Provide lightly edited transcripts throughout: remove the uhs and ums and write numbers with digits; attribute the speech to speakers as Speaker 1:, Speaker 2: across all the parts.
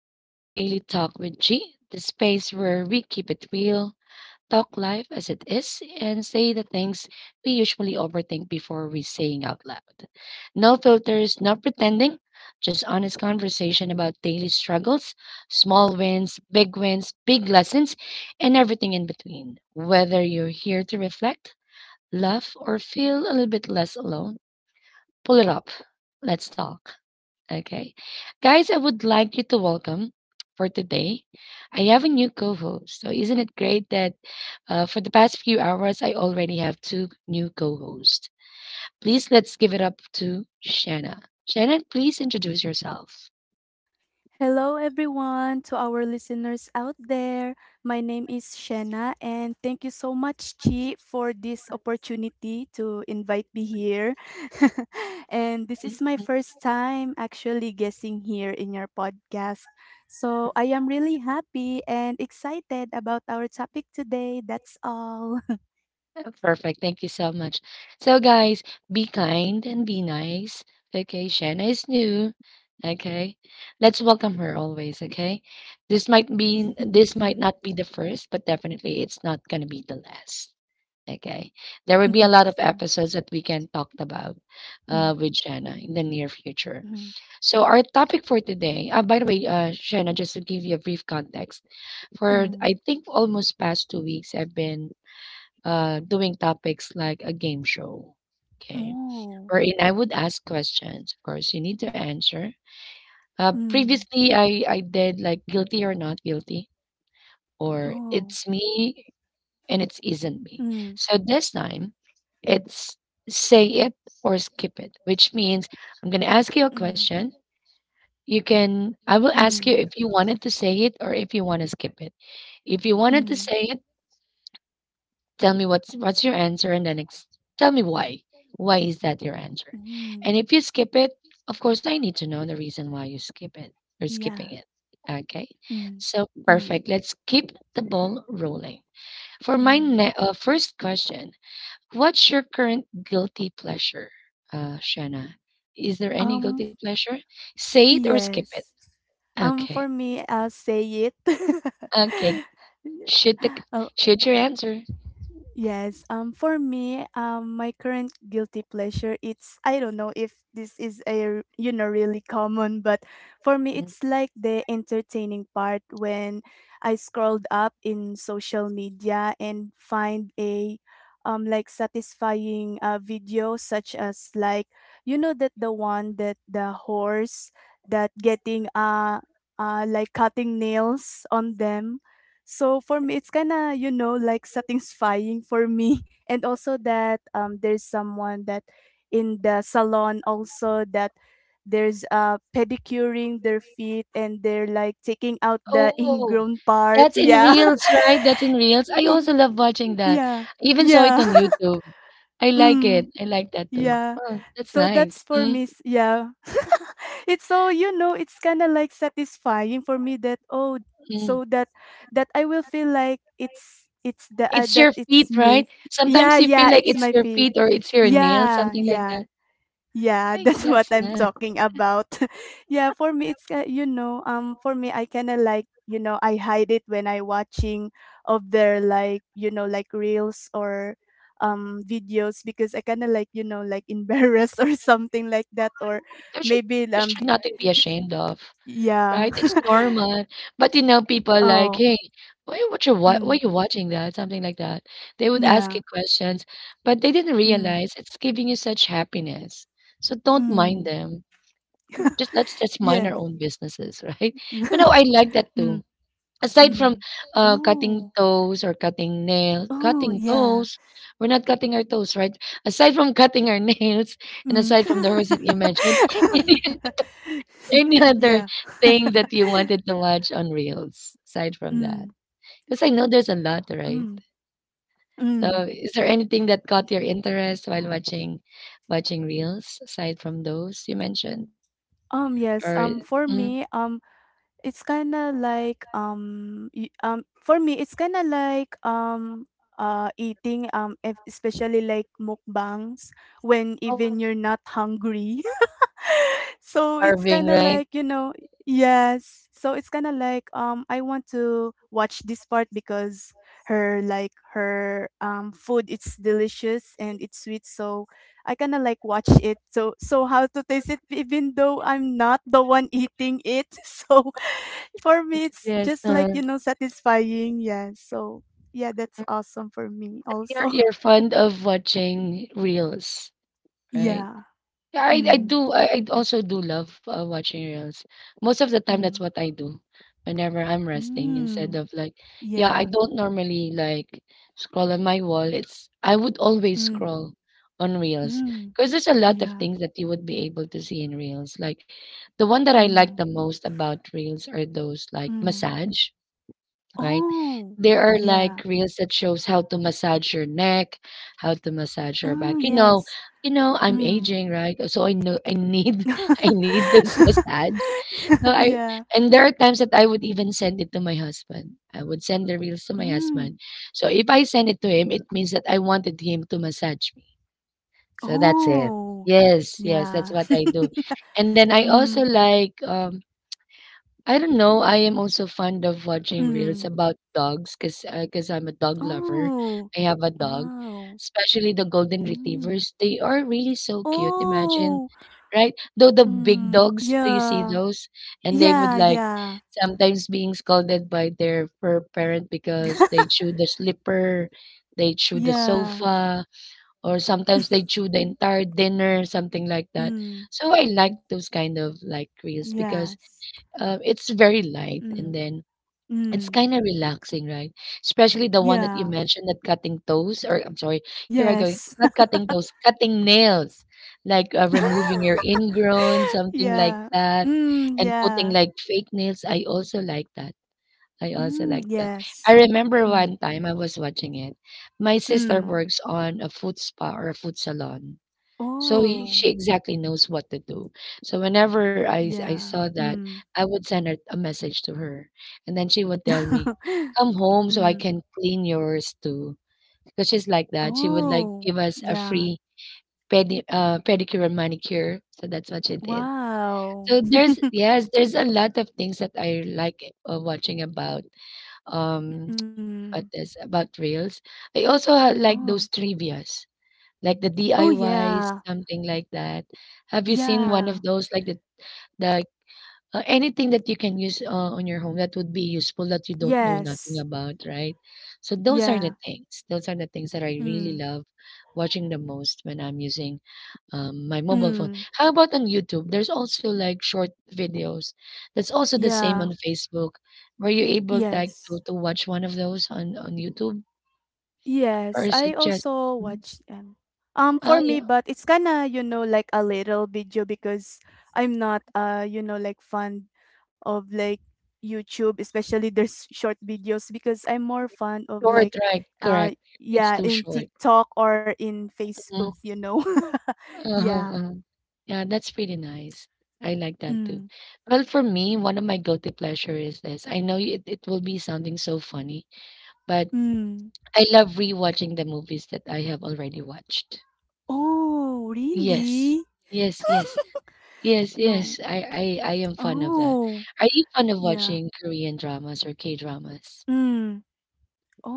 Speaker 1: Welcome to Daily Talk with G, the space where we keep it real, talk life as it is, and say the things we usually overthink before we saying out loud. No filters, no pretending, just honest conversation about daily struggles, small wins, big lessons, and everything in between. Whether you're here to reflect, laugh, or feel a little bit less alone, pull it up. Let's talk. Okay. Guys, I would like you to welcome for today. I have a new co host. So, isn't it great that for the past few hours, I already have two new co hosts? Please let's give it up to Shanna. Shannon, please introduce yourself.
Speaker 2: Hello, everyone, to our listeners out there. My name is Shanna, and thank you so much, Chi, for this opportunity to invite me here. And this is my
Speaker 1: Mhm.
Speaker 2: first time actually guessing here in your podcast. So I am really happy and excited about our topic today. That's all.
Speaker 1: Oh, perfect. Thank you so much. So, guys, be kind and be nice. Okay, Shanna is new. Okay, let's welcome her always. Okay, this might not be the first, but definitely it's not gonna be the last. Okay, there will be a lot of episodes that we can talk about with Shanna in the near future. So, our topic for today. By the way, Shanna, just to give you a brief context, for I think almost past 2 weeks, I've been doing topics like a game show, okay,
Speaker 2: Oh.
Speaker 1: wherein I would ask questions. Of course, you need to answer.
Speaker 2: Mm.
Speaker 1: Previously, I did like guilty or not guilty, or
Speaker 2: Oh.
Speaker 1: it's me and it's isn't me.
Speaker 2: Mm.
Speaker 1: So this time, it's say it or skip it, which means I'm going to ask you a
Speaker 2: Mm.
Speaker 1: question. I will ask
Speaker 2: Mm.
Speaker 1: you if you wanted to say it or if you want to skip it. If you wanted to
Speaker 2: Mm,
Speaker 1: say it, tell me what's your answer and then tell me why. Why is that your answer?
Speaker 2: mm,
Speaker 1: And if you skip it, of course I need to know the reason why you skip it. You're skipping
Speaker 2: yeah.
Speaker 1: it. Okay.
Speaker 2: Mm,
Speaker 1: So
Speaker 2: mm,
Speaker 1: perfect. Let's keep the ball rolling. For my
Speaker 2: mm.
Speaker 1: first question, what's your current guilty pleasure, Shanna? Is there any
Speaker 2: Um,
Speaker 1: guilty pleasure? Say it or skip it.
Speaker 2: yes. For
Speaker 1: Okay.
Speaker 2: me, I'll say it.
Speaker 1: Okay. Shoot the
Speaker 2: Y-
Speaker 1: shoot your answer.
Speaker 2: Yes. For me, my current guilty pleasure, it's, I don't know if this is a really common, but for me
Speaker 1: Mhm.
Speaker 2: it's like the entertaining part when I scrolled up in social media and find a like satisfying video such as like that the one that the horse that getting like cutting nails on them, so for me, it's kind of like satisfying for me. And also that there's someone that in the salon also that there's pedicuring their feet and they're like taking out the
Speaker 1: Oh,
Speaker 2: ingrown part.
Speaker 1: that's in
Speaker 2: Yeah,
Speaker 1: Reels, right? That's in Reels. I
Speaker 2: Y-
Speaker 1: also love watching that.
Speaker 2: yeah,
Speaker 1: I even saw it
Speaker 2: yeah.
Speaker 1: on YouTube. I like it.
Speaker 2: Mm.
Speaker 1: I like that too.
Speaker 2: Yeah.
Speaker 1: Oh, that's
Speaker 2: So that's
Speaker 1: nice.
Speaker 2: for me. Yeah. It's so, it's kind of like satisfying for me that oh,
Speaker 1: Mm-hmm.
Speaker 2: so that I will feel like it's the
Speaker 1: It's
Speaker 2: that
Speaker 1: your
Speaker 2: it's
Speaker 1: feet, right?
Speaker 2: me.
Speaker 1: Sometimes
Speaker 2: Yeah,
Speaker 1: you feel
Speaker 2: yeah,
Speaker 1: like
Speaker 2: it's
Speaker 1: it's
Speaker 2: my
Speaker 1: your
Speaker 2: feet.
Speaker 1: feet or it's your nail,
Speaker 2: Yeah,
Speaker 1: something like
Speaker 2: yeah.
Speaker 1: that.
Speaker 2: Yeah,
Speaker 1: Hey,
Speaker 2: that's what
Speaker 1: that's
Speaker 2: I'm
Speaker 1: nice.
Speaker 2: talking about. Yeah, for me it's ki for me I kinda like, I hide it when I watching of their like, like reels or videos because I kinda like, like embarrassed or something like that or
Speaker 1: There should
Speaker 2: maybe
Speaker 1: there should nothing be ashamed of.
Speaker 2: yeah.
Speaker 1: Right? It's normal. But you know, people like,
Speaker 2: Oh.
Speaker 1: "Hey, why
Speaker 2: Mm.
Speaker 1: you watching that?" Something like that. They would ask you
Speaker 2: Yeah.
Speaker 1: questions, but they didn't
Speaker 2: Mm.
Speaker 1: realize it's giving you such happiness. So don't mind
Speaker 2: Mm.
Speaker 1: them. Just let's just mind our
Speaker 2: Yes.
Speaker 1: own businesses, right? But no, I like that too.
Speaker 2: Mm.
Speaker 1: Aside from
Speaker 2: Mm.
Speaker 1: cutting
Speaker 2: Oh.
Speaker 1: toes or cutting nails,
Speaker 2: Oh,
Speaker 1: cutting
Speaker 2: yeah.
Speaker 1: toes, we're not cutting our toes, right? Aside from cutting our
Speaker 2: Mm.
Speaker 1: nails, and aside from the horse that you mentioned,
Speaker 2: Yeah.
Speaker 1: any other thing that you wanted to watch on Reels aside from
Speaker 2: Mm,
Speaker 1: that? Because I know there's a lot, right?
Speaker 2: mm,
Speaker 1: So
Speaker 2: mm.
Speaker 1: is there anything that caught your interest while watching Reels aside from those you mentioned?
Speaker 2: Yes,
Speaker 1: Or
Speaker 2: for me,
Speaker 1: mm,
Speaker 2: it's kinda like, for me, it's kinda like, eating, especially like mukbangs when
Speaker 1: oh,
Speaker 2: even you're not hungry. So it's
Speaker 1: starving,
Speaker 2: kind of
Speaker 1: right?
Speaker 2: like yes, so it's kind of like I want to watch this part because her like her food it's delicious and it's sweet, so I kind of like watch it so how to taste it even though I'm not the one eating it. So for me
Speaker 1: Yes,
Speaker 2: it's
Speaker 1: yes.
Speaker 2: just like satisfying, yeah, so yeah, that's awesome for me
Speaker 1: You're
Speaker 2: also.
Speaker 1: fond of watching Reels, right?
Speaker 2: Yeah.
Speaker 1: Yeah, I
Speaker 2: Mm,
Speaker 1: do. I also do love watching reels. Most of the time, that's
Speaker 2: mm,
Speaker 1: what I do whenever I'm resting. Instead
Speaker 2: mm,
Speaker 1: of like, yeah, I
Speaker 2: yeah.
Speaker 1: don't normally like scroll on my wall. It's I would always
Speaker 2: Mm.
Speaker 1: scroll on reels
Speaker 2: Mm,
Speaker 1: because there's a lot of
Speaker 2: yeah.
Speaker 1: things that you would be able to see in reels. Like the one that I like
Speaker 2: Mm,
Speaker 1: the most about reels are those like
Speaker 2: mm.
Speaker 1: massage, right?
Speaker 2: Oh,
Speaker 1: There are like
Speaker 2: yeah.
Speaker 1: reels that shows how to massage your neck, how to massage your back.
Speaker 2: Oh, yes.
Speaker 1: You know, I'm
Speaker 2: Mm.
Speaker 1: aging, right? So I know I need I need those massage. No, I
Speaker 2: Yeah.
Speaker 1: and there are times that I would even send it to my husband. I would send the reels to my
Speaker 2: Mm.
Speaker 1: husband. So if I send it to him, it means that I wanted him to massage me. So that's it.
Speaker 2: Oh,
Speaker 1: Yes, yes, that's
Speaker 2: yeah.
Speaker 1: what I do. And then I also
Speaker 2: Mm,
Speaker 1: like I don't know. I am also fond of watching
Speaker 2: mm.
Speaker 1: reels about dogs because I'm a dog lover.
Speaker 2: Oh,
Speaker 1: I have a dog,
Speaker 2: oh,
Speaker 1: especially the golden
Speaker 2: mm.
Speaker 1: retrievers. They are really so cute. Imagine,
Speaker 2: Oh,
Speaker 1: right? Though the big
Speaker 2: mm.
Speaker 1: dogs, do you see
Speaker 2: Yeah.
Speaker 1: those? And they would
Speaker 2: Yeah,
Speaker 1: like
Speaker 2: yeah.
Speaker 1: sometimes being scolded by their fur parent because they chew the slipper, they chew the
Speaker 2: Yeah.
Speaker 1: sofa, or sometimes they chew the entire dinner, something like that.
Speaker 2: Mm,
Speaker 1: So I like those kind of like reels because
Speaker 2: yes.
Speaker 1: it's very light and
Speaker 2: Mm,
Speaker 1: then it's
Speaker 2: mm.
Speaker 1: kind of relaxing, right? Especially the one that you
Speaker 2: Yeah.
Speaker 1: mentioned, that cutting toes, or I'm sorry, here I go,
Speaker 2: Yes.
Speaker 1: not cutting toes, cutting nails, like removing your ingrown, something like
Speaker 2: Yeah.
Speaker 1: that,
Speaker 2: Mm,
Speaker 1: and putting
Speaker 2: yeah.
Speaker 1: like fake nails. I also like that. I also
Speaker 2: Mm,
Speaker 1: like that. I
Speaker 2: yes.
Speaker 1: remember
Speaker 2: Mm,
Speaker 1: one time I was watching it. My sister
Speaker 2: mm.
Speaker 1: works on a food spa or a food salon so
Speaker 2: Oh,
Speaker 1: she exactly knows what to do. So whenever I
Speaker 2: yeah.
Speaker 1: saw that,
Speaker 2: Mm.
Speaker 1: I would send her a message to her, and then she would tell me, "Come home so I
Speaker 2: Mm.
Speaker 1: can clean yours too." Because she's like that. She would like
Speaker 2: Oh,
Speaker 1: give us a
Speaker 2: yeah.
Speaker 1: free pedicure and manicure. So that's what she did.
Speaker 2: Wow.
Speaker 1: So there's a lot of things that I like watching about um
Speaker 2: Mm.
Speaker 1: about this about reels. I also like
Speaker 2: Oh.
Speaker 1: those trivia's like the
Speaker 2: Oh,
Speaker 1: DIYs,
Speaker 2: yeah.
Speaker 1: something like that. Have you seen one
Speaker 2: Yeah.
Speaker 1: of those, like the anything that you can use on your home that would be useful that you don't know nothing
Speaker 2: Yes.
Speaker 1: about, right? So those are
Speaker 2: Yeah.
Speaker 1: the things. Those are the things that I really
Speaker 2: Mm.
Speaker 1: love watching the most when I'm using my mobile phone.
Speaker 2: Mm.
Speaker 1: How about on YouTube? There's also like short videos. That's also the same
Speaker 2: Yeah.
Speaker 1: on Facebook. Were you able like
Speaker 2: Yes.
Speaker 1: to watch one of those on YouTube, or
Speaker 2: Yes,
Speaker 1: is
Speaker 2: I
Speaker 1: it just?
Speaker 2: also
Speaker 1: Mm.
Speaker 2: watch them. For
Speaker 1: Oh,
Speaker 2: me,
Speaker 1: yeah.
Speaker 2: but it's kinda, like a little video because I'm not like fond of like YouTube, especially there's short videos because I'm more fond of like
Speaker 1: Short, right,
Speaker 2: uh
Speaker 1: correct. It's
Speaker 2: yeah,
Speaker 1: too
Speaker 2: in
Speaker 1: short.
Speaker 2: TikTok or in Facebook,
Speaker 1: Mhm.
Speaker 2: you know.
Speaker 1: Uh-huh,
Speaker 2: Yeah.
Speaker 1: uh-huh. Yeah, that's pretty nice. I like that too.
Speaker 2: Mm.
Speaker 1: Well, for me, one of my guilty pleasure is this. I know it will be sounding so funny, but
Speaker 2: Mm.
Speaker 1: I love rewatching the movies that I have already watched.
Speaker 2: Oh,
Speaker 1: Yes.
Speaker 2: really?
Speaker 1: Yes, yes. Yes, yes.
Speaker 2: No.
Speaker 1: I am fond of that.
Speaker 2: Oh,
Speaker 1: Are you fond of
Speaker 2: yeah.
Speaker 1: watching Korean dramas or K dramas?
Speaker 2: Mm.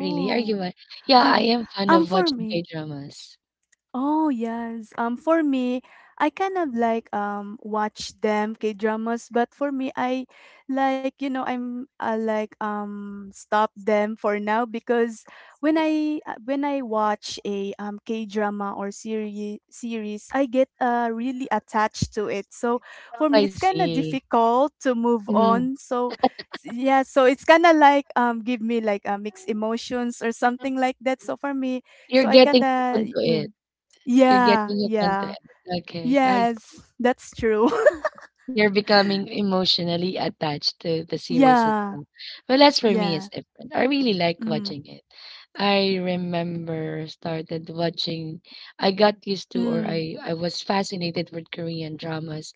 Speaker 1: Really? Yeah, I
Speaker 2: Um,
Speaker 1: am fond
Speaker 2: um
Speaker 1: of
Speaker 2: for
Speaker 1: watching
Speaker 2: me.
Speaker 1: K dramas.
Speaker 2: Oh, yes. For me, I kind of like watch them K-dramas, but for me I like, I like stop them for now because when I watch a K-drama or series, I get really attached to it. So
Speaker 1: Oh,
Speaker 2: for me
Speaker 1: I
Speaker 2: it's kind of
Speaker 1: see.
Speaker 2: difficult to move
Speaker 1: Mhm.
Speaker 2: on. So yeah, so it's kind of like give me like mixed emotions or something like that. So for me
Speaker 1: You're
Speaker 2: I
Speaker 1: getting hooked
Speaker 2: kinda
Speaker 1: onto
Speaker 2: you
Speaker 1: it. You're
Speaker 2: yeah,
Speaker 1: getting hooked onto
Speaker 2: yeah.
Speaker 1: it. Okay, I see.
Speaker 2: Yes, that's true.
Speaker 1: You're becoming emotionally attached to the series
Speaker 2: Yeah,
Speaker 1: itself. Well, as for me, it's
Speaker 2: yeah.
Speaker 1: different. I really like
Speaker 2: Mm,
Speaker 1: watching it. I remember started watching, I got used to,
Speaker 2: mm.
Speaker 1: I was fascinated with Korean dramas.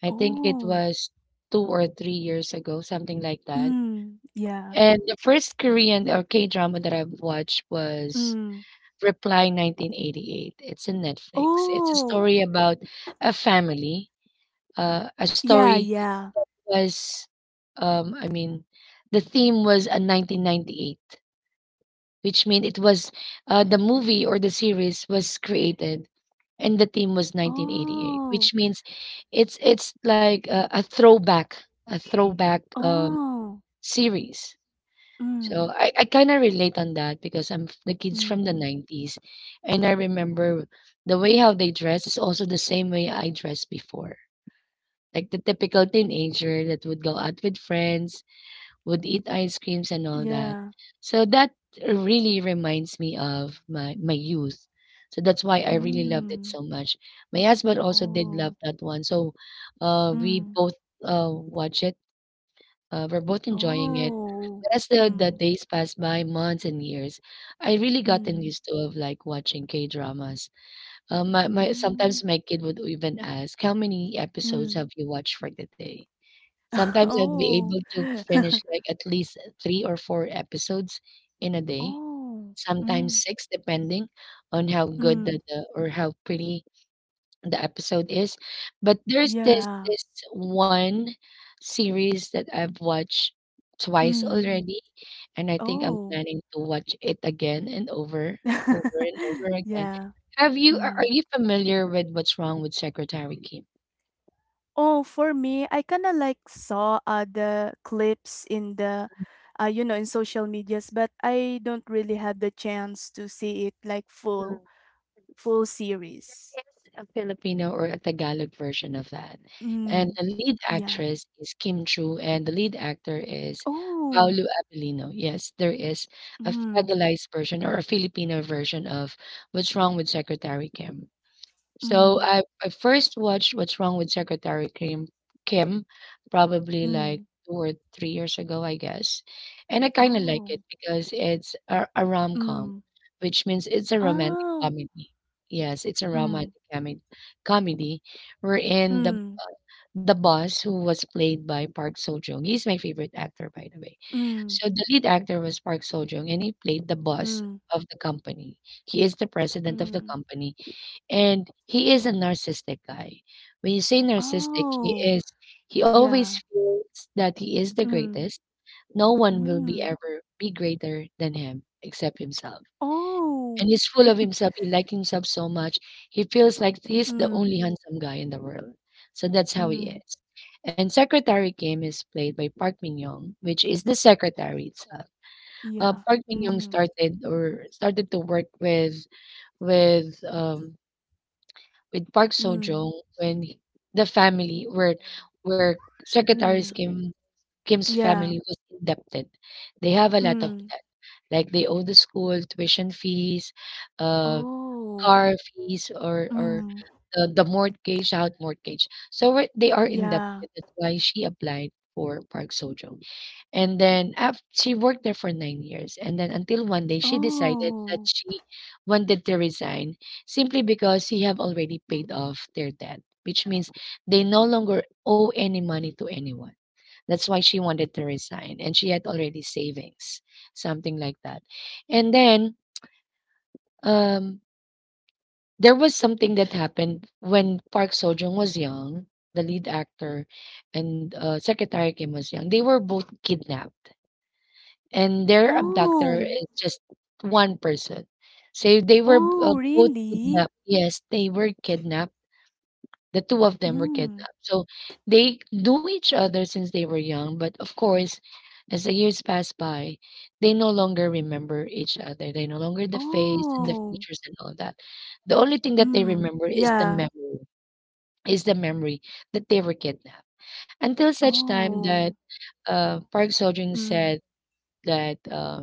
Speaker 1: I think it
Speaker 2: Oh,
Speaker 1: was 2 or 3 years ago, something like that.
Speaker 2: mm, yeah.
Speaker 1: And the first Korean or K-drama that I've watched was
Speaker 2: Mm.
Speaker 1: Reply 1988. It's in Netflix. It's a
Speaker 2: Oh,
Speaker 1: story about a family. A
Speaker 2: yeah,
Speaker 1: story
Speaker 2: yeah.
Speaker 1: was,
Speaker 2: Mm,
Speaker 1: I mean, the theme was a 1998, which means
Speaker 2: mm.
Speaker 1: it was the movie or the series was created and the theme was 1988, which
Speaker 2: Oh,
Speaker 1: means it's like a throwback
Speaker 2: oh.
Speaker 1: series. So
Speaker 2: Mm,
Speaker 1: I kind of relate on that because the kids from the
Speaker 2: mm.
Speaker 1: 90s and I remember the way how they dress is also the
Speaker 2: Yeah.
Speaker 1: same way I dressed before.
Speaker 2: Oh,
Speaker 1: Like the
Speaker 2: yeah.
Speaker 1: typical teenager that would go out with
Speaker 2: Mm,
Speaker 1: friends, would eat ice creams and all
Speaker 2: yeah.
Speaker 1: that. So that really reminds me of my youth. So that's why I really loved it
Speaker 2: Mm.
Speaker 1: so much. My husband also did
Speaker 2: Oh,
Speaker 1: love that one. So we
Speaker 2: mm.
Speaker 1: both watch it, we're both enjoying it.
Speaker 2: Oh.
Speaker 1: But as the
Speaker 2: Mm,
Speaker 1: days pass by, months and years, I really gotten
Speaker 2: mm,
Speaker 1: used to of like watching K dramas. My
Speaker 2: mm,
Speaker 1: sometimes my kid would even ask, "How many episodes
Speaker 2: mm.
Speaker 1: have you watched for the day?" Sometimes I'd be
Speaker 2: Oh.
Speaker 1: able to finish like at least 3 or 4 episodes in a day.
Speaker 2: Oh.
Speaker 1: Sometimes
Speaker 2: Mm,
Speaker 1: six, depending on how good
Speaker 2: mm.
Speaker 1: the or how pretty the episode is. But there's
Speaker 2: Yeah.
Speaker 1: this one series that I've watched twice
Speaker 2: Mm.
Speaker 1: already, and I think I'm
Speaker 2: Oh.
Speaker 1: planning to watch it again and over, over and over again.
Speaker 2: Yeah.
Speaker 1: Have you are
Speaker 2: Mm.
Speaker 1: you familiar with What's Wrong with Secretary Kim?
Speaker 2: Oh, for me, I kinda like saw other clips in the in social medias, but I don't really have the chance to see it like full series.
Speaker 1: It's a Filipino or a Tagalog version of that, and
Speaker 2: Mm.
Speaker 1: the lead
Speaker 2: Yeah.
Speaker 1: actress is Kim Chu, and the lead actor is
Speaker 2: Oh.
Speaker 1: Paolo Avellino. Yes, there is a
Speaker 2: Mm.
Speaker 1: Tagalized version or a Filipino version of What's Wrong with Secretary Kim. So
Speaker 2: Mm.
Speaker 1: I I first watched What's Wrong with Secretary Kim probably
Speaker 2: Mm.
Speaker 1: like 2 or 3 years ago, I guess. And I kind of like it
Speaker 2: Oh.
Speaker 1: because it's a rom com,
Speaker 2: Mm.
Speaker 1: which means it's a romantic
Speaker 2: Oh.
Speaker 1: comedy. Yes, it's a
Speaker 2: Mm.
Speaker 1: comedy wherein the
Speaker 2: Mm.
Speaker 1: the boss who was played by Park Seo Joong, he's my favorite actor by the way.
Speaker 2: Mm,
Speaker 1: So the lead actor was Park Seo Joong and he played the boss
Speaker 2: mm,
Speaker 1: of the company. He is the president of the
Speaker 2: mm.
Speaker 1: company and he is a narcissistic guy. When you say narcissistic,
Speaker 2: Oh,
Speaker 1: he always
Speaker 2: yeah.
Speaker 1: feels that he is the
Speaker 2: Mm,
Speaker 1: greatest. No one will be
Speaker 2: mm.
Speaker 1: ever be greater than him except himself. And
Speaker 2: Oh.
Speaker 1: he's full of himself. He likes himself so much. He feels like he's the only
Speaker 2: Mm,
Speaker 1: handsome guy in the world. So that's how he
Speaker 2: mm.
Speaker 1: is. And Secretary Kim is played by Park Min Young, which is the secretary itself.
Speaker 2: Yeah.
Speaker 1: Park Min Young
Speaker 2: Mm,
Speaker 1: started to work with um, with Park Seo
Speaker 2: mm,
Speaker 1: Joong the family where Secretary
Speaker 2: mm.
Speaker 1: Kim's
Speaker 2: Yeah.
Speaker 1: family was indebted. They have a lot of
Speaker 2: Mm.
Speaker 1: debt. Like they owe the school tuition fees, uh,
Speaker 2: Oh.
Speaker 1: car fees, or
Speaker 2: Mm.
Speaker 1: the mortgage, out mortgage. They are
Speaker 2: Yeah.
Speaker 1: indebted. That's why she applied for Park Seo Joong. And then af she worked there for 9 years, and then until one day she decided that
Speaker 2: Oh.
Speaker 1: she wanted to resign simply because she have already paid off their debt, which means they no
Speaker 2: Mm.
Speaker 1: longer owe any money to anyone. That's why she wanted to
Speaker 2: Oh.
Speaker 1: resign, and she had already savings, something like that. And then
Speaker 2: Oh, yeah.
Speaker 1: um, there was
Speaker 2: Yeah.
Speaker 1: something that happened when Park Seo Joong was young, the lead actor,
Speaker 2: Mm.
Speaker 1: and Secretary Kim was young. They were both kidnapped and their abductor
Speaker 2: Oh.
Speaker 1: is just one person. So they were
Speaker 2: Oh,
Speaker 1: both
Speaker 2: really?
Speaker 1: kidnapped. Yes, they were kidnapped. The two of them were
Speaker 2: Mm.
Speaker 1: kidnapped. So they knew each other since they were young, but of course, as the years pass by, they no longer remember each other. They no longer the face and the
Speaker 2: Oh.
Speaker 1: features and all that. The only thing that they
Speaker 2: Mm.
Speaker 1: remember is
Speaker 2: Yeah.
Speaker 1: the memory that they were kidnapped. Until such time that
Speaker 2: Oh.
Speaker 1: Park Seo Joon
Speaker 2: Mm.
Speaker 1: said that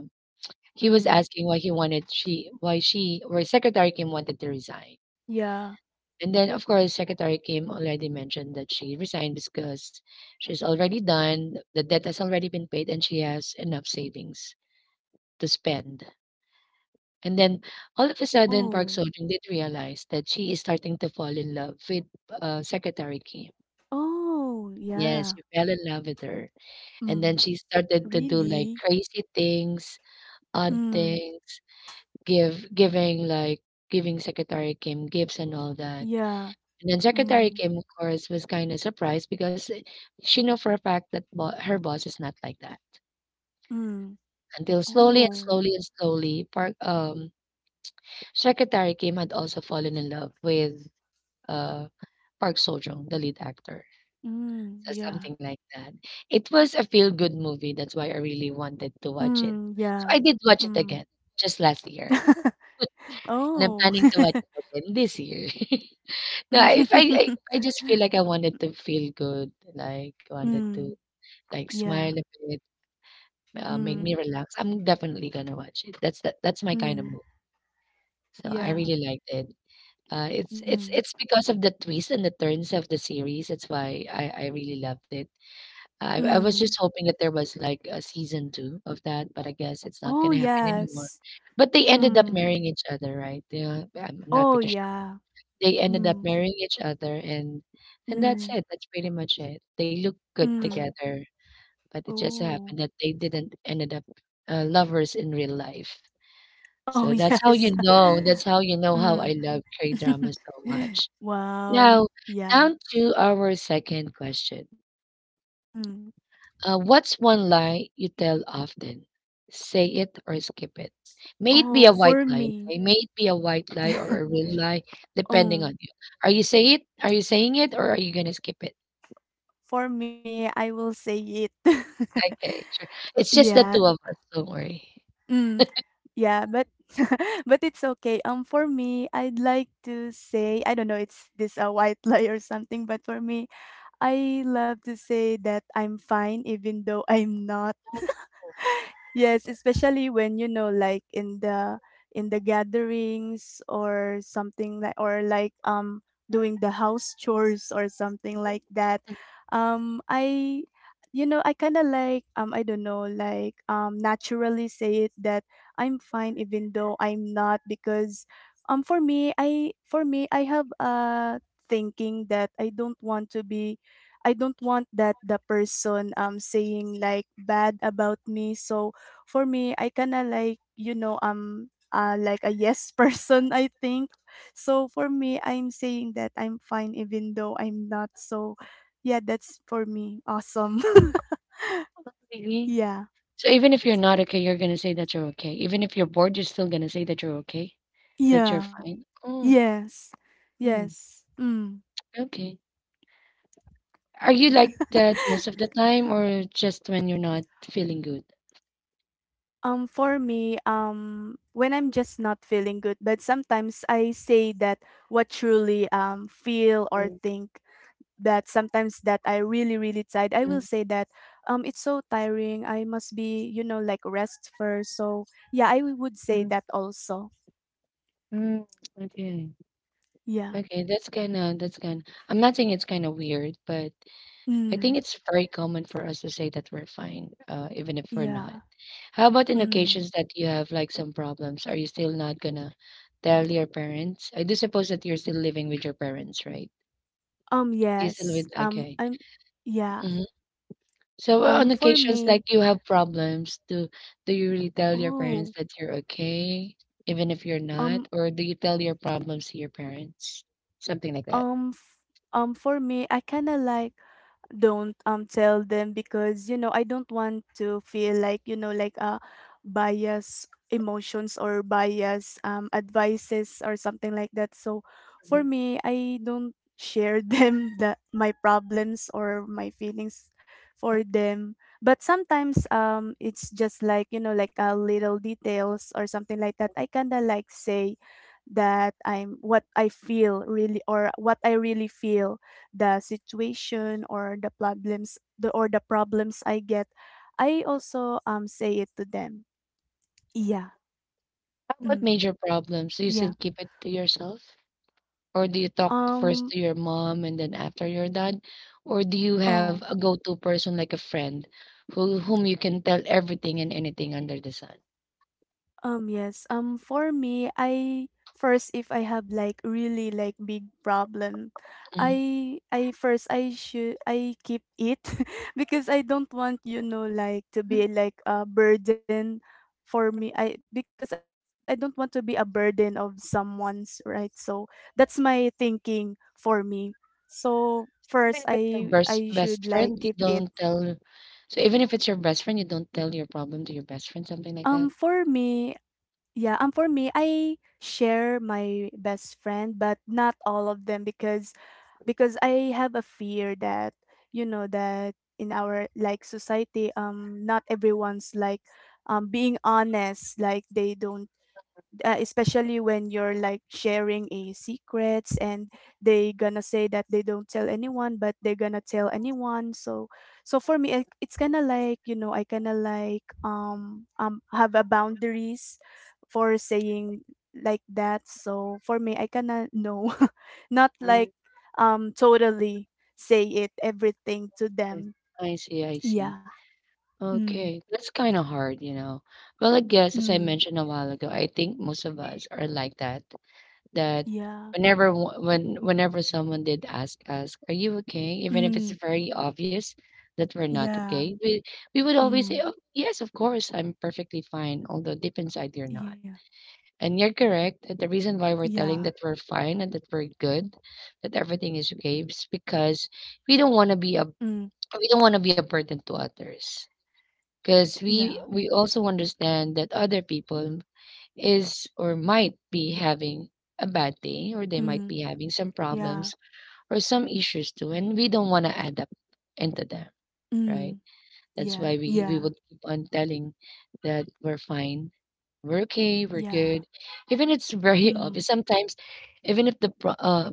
Speaker 1: he was
Speaker 2: Mm,
Speaker 1: asking why he wanted she why Secretary Kim wanted to resign.
Speaker 2: yeah.
Speaker 1: And then of course Secretary Kim already mentioned that she resigned because she's already done, the debt has already been paid and she has enough savings to spend. And then all of a sudden Park
Speaker 2: Oh.
Speaker 1: Seo-joon did realize that she is starting to fall in love with Secretary Kim.
Speaker 2: Oh,
Speaker 1: Yes, she
Speaker 2: yeah.
Speaker 1: fell in love with her. And then
Speaker 2: Mm,
Speaker 1: she started to do like
Speaker 2: really?
Speaker 1: crazy things, odd
Speaker 2: Mm,
Speaker 1: things. Give giving Secretary Kim gifts and all that.
Speaker 2: yeah.
Speaker 1: And then Secretary
Speaker 2: Mm,
Speaker 1: Kim, of course, was kind of surprised because she knew for a fact that her boss is not like that.
Speaker 2: mm.
Speaker 1: Until slowly and
Speaker 2: Oh.
Speaker 1: slowly and slowly, Park Secretary Kim had also fallen in love with uh Park Seo Joong, the lead actor.
Speaker 2: Mm,
Speaker 1: So
Speaker 2: yeah.
Speaker 1: something like that. It was a feel good movie. That's why I really wanted to watch it.
Speaker 2: Mm,
Speaker 1: So
Speaker 2: yeah.
Speaker 1: I did watch it again
Speaker 2: Mm.
Speaker 1: just last year, and I'm planning
Speaker 2: Oh.
Speaker 1: to watch it again this year. No, I if I I just feel like I wanted to feel good, like, wanted to,
Speaker 2: Mm,
Speaker 1: like, smile
Speaker 2: yeah.
Speaker 1: a bit, make me
Speaker 2: Mm,
Speaker 1: relax. I'm definitely gonna watch it. That's that. That's my kind of
Speaker 2: mm,
Speaker 1: movie, so I
Speaker 2: yeah.
Speaker 1: really liked it. Uh, it's it's
Speaker 2: Mm,
Speaker 1: it's because of the twists and the turns of the series, that's why I really loved it. I was
Speaker 2: mm.
Speaker 1: just hoping that there was, like, a season 2 of that, but I guess it's not
Speaker 2: Oh,
Speaker 1: gonna happen anymore.
Speaker 2: yes.
Speaker 1: But they ended up
Speaker 2: Mm.
Speaker 1: marrying each other, right? Yeah, I'm I'm not
Speaker 2: Oh,
Speaker 1: pretty
Speaker 2: yeah.
Speaker 1: They ended up
Speaker 2: Mm,
Speaker 1: marrying each other and that's
Speaker 2: mm,
Speaker 1: it, that's pretty much it. They look good
Speaker 2: mm.
Speaker 1: together, but it just so happened
Speaker 2: Oh.
Speaker 1: that they didn't ended up, lovers in real life.
Speaker 2: Oh,
Speaker 1: So
Speaker 2: yes.
Speaker 1: that's how you know
Speaker 2: Mm.
Speaker 1: how I love K-drama so much.
Speaker 2: Wow.
Speaker 1: Now,
Speaker 2: Yeah.
Speaker 1: down to our second question.
Speaker 2: Mm.
Speaker 1: What's one lie you tell often? Say it or skip it. May it be
Speaker 2: Oh,
Speaker 1: a white
Speaker 2: for
Speaker 1: lie,
Speaker 2: me.
Speaker 1: okay? May it be a white lie or a real lie, depending on
Speaker 2: Oh,
Speaker 1: you. Are you saying it or are you gonna skip it?
Speaker 2: for me, I will say it.
Speaker 1: Okay, sure. It's just the
Speaker 2: Yeah.
Speaker 1: two of us, don't worry.
Speaker 2: Mm. Yeah, but but it's okay. For me, I'd like to say I don't know. It's this a white lie or something. But for me, I love to say that I'm fine, even though I'm not. Yes, especially when like in the gatherings or something like or like doing the house chores or something like that.
Speaker 1: Mm.
Speaker 2: Um I I kind of like I don't know, like naturally say it that I'm fine even though I'm not because for me I have a thinking that I don't want to be, I don't want that the person saying like bad about me, so for me, I kinda like, I'm like a yes person, I think. So for me, I'm saying that I'm fine even though I'm not. So yeah, that's for me. Awesome.
Speaker 1: Oh, really?
Speaker 2: Yeah.
Speaker 1: So even if you're not okay, you're gonna say that you're okay. Even if you're bored, you're still gonna say that you're okay, that you're
Speaker 2: Yeah.
Speaker 1: fine. Oh,
Speaker 2: Yes.
Speaker 1: mm,
Speaker 2: Yes. Mm.
Speaker 1: okay. Are you like that most of the time or just when you're not feeling good?
Speaker 2: For me, when I'm just not feeling good, but sometimes I say that what truly feel or
Speaker 1: Mm.
Speaker 2: think that sometimes that I really really tired, I will say that it's so tiring. I must be, like rest first. So yeah, I would say
Speaker 1: Mm.
Speaker 2: that also.
Speaker 1: Mm, okay.
Speaker 2: Yeah.
Speaker 1: Okay, that's kinda that's kind I'm not saying it's kinda weird, but I think
Speaker 2: Mm.
Speaker 1: it's very common for us to say that we're fine, even if we're not.
Speaker 2: Yeah.
Speaker 1: How about in
Speaker 2: Mm.
Speaker 1: occasions that you have like some problems? Are you still not gonna tell your parents? I do suppose that you're still living with your parents, right?
Speaker 2: Um
Speaker 1: You still
Speaker 2: yes.
Speaker 1: with Okay.
Speaker 2: I'm yeah.
Speaker 1: Mm-hmm. So
Speaker 2: Um
Speaker 1: on
Speaker 2: for
Speaker 1: occasions
Speaker 2: me,
Speaker 1: like you have problems, do you really tell your
Speaker 2: oh,
Speaker 1: parents that you're okay, even if you're not,
Speaker 2: um
Speaker 1: or do you tell your problems to your parents? Something like that.
Speaker 2: um f- for me, I kind of like don't tell them because I don't want to feel like like bias emotions or bias advices or something like that. So for me, I don't share them the my problems or my feelings for them. But sometimes it's just like like a little details or something like that. I kind of like say that I'm what I feel really or what I really feel the situation or the problems I get, I also say it to them. Yeah.
Speaker 1: How about
Speaker 2: Mm,
Speaker 1: major problems? Do you still
Speaker 2: yeah.
Speaker 1: keep it to yourself? Or do you talk first to
Speaker 2: Um
Speaker 1: your mom and then after your dad? Or do you have
Speaker 2: oh.
Speaker 1: a go-to person like a friend who whom you can tell everything and anything under the sun?
Speaker 2: Yes. For me, I first if I have like really like big problem,
Speaker 1: Mhm.
Speaker 2: I first I should I keep it because I don't want like to be like a burden for me. I, because I don't want to be a burden of someone's, right. So that's my thinking for me. So
Speaker 1: Even if it's your
Speaker 2: first
Speaker 1: best
Speaker 2: I
Speaker 1: best
Speaker 2: I
Speaker 1: friend,
Speaker 2: should
Speaker 1: you
Speaker 2: like keep
Speaker 1: don't
Speaker 2: it.
Speaker 1: tell. So even if it's your best friend, you don't tell your problem to your best friend, something like
Speaker 2: Um,
Speaker 1: that.
Speaker 2: for me, Yeah, for me, I share my best friend, but not all of them because I have a fear that that in our like society, not everyone's like being honest, like they don't, especially when you're like sharing a secrets and they gonna say that they don't tell anyone but they're gonna tell anyone, so for me it, it's kind of like I kind of like have a boundaries for saying like that, so for me I kind of know not
Speaker 1: Mm,
Speaker 2: like totally say it everything to
Speaker 1: this.
Speaker 2: them.
Speaker 1: I see.
Speaker 2: Yeah. Mm.
Speaker 1: Okay, that's kind of hard, you know. Well, I guess as I
Speaker 2: Mm.
Speaker 1: mentioned a while ago, I think most of us are like that. That
Speaker 2: Yeah.
Speaker 1: whenever wo- when whenever someone did ask us, "Are you okay?" Even if it's
Speaker 2: Mm.
Speaker 1: very obvious that we're not
Speaker 2: Yeah.
Speaker 1: okay, we would always say,
Speaker 2: Mm.
Speaker 1: "Oh, yes, of course, I'm perfectly fine," although deep inside you're
Speaker 2: Yeah,
Speaker 1: not. And you're
Speaker 2: yeah.
Speaker 1: correct. That The reason why we're telling that we're fine and that we're good, that everything is okay, is because we don't
Speaker 2: Mm.
Speaker 1: want to be a we don't want to be a burden to others.
Speaker 2: Yeah.
Speaker 1: Because we also understand that other people is or might be having a bad day, or they might
Speaker 2: Mm.
Speaker 1: be having some
Speaker 2: Yeah.
Speaker 1: problems or some issues too, and we don't want to add up into them, right?
Speaker 2: Mm.
Speaker 1: That's
Speaker 2: Yeah.
Speaker 1: why we
Speaker 2: Yeah.
Speaker 1: would keep on telling that we're fine, we're okay, we're
Speaker 2: Yeah.
Speaker 1: good. Even it's very
Speaker 2: Mm.
Speaker 1: obvious. Sometimes, even if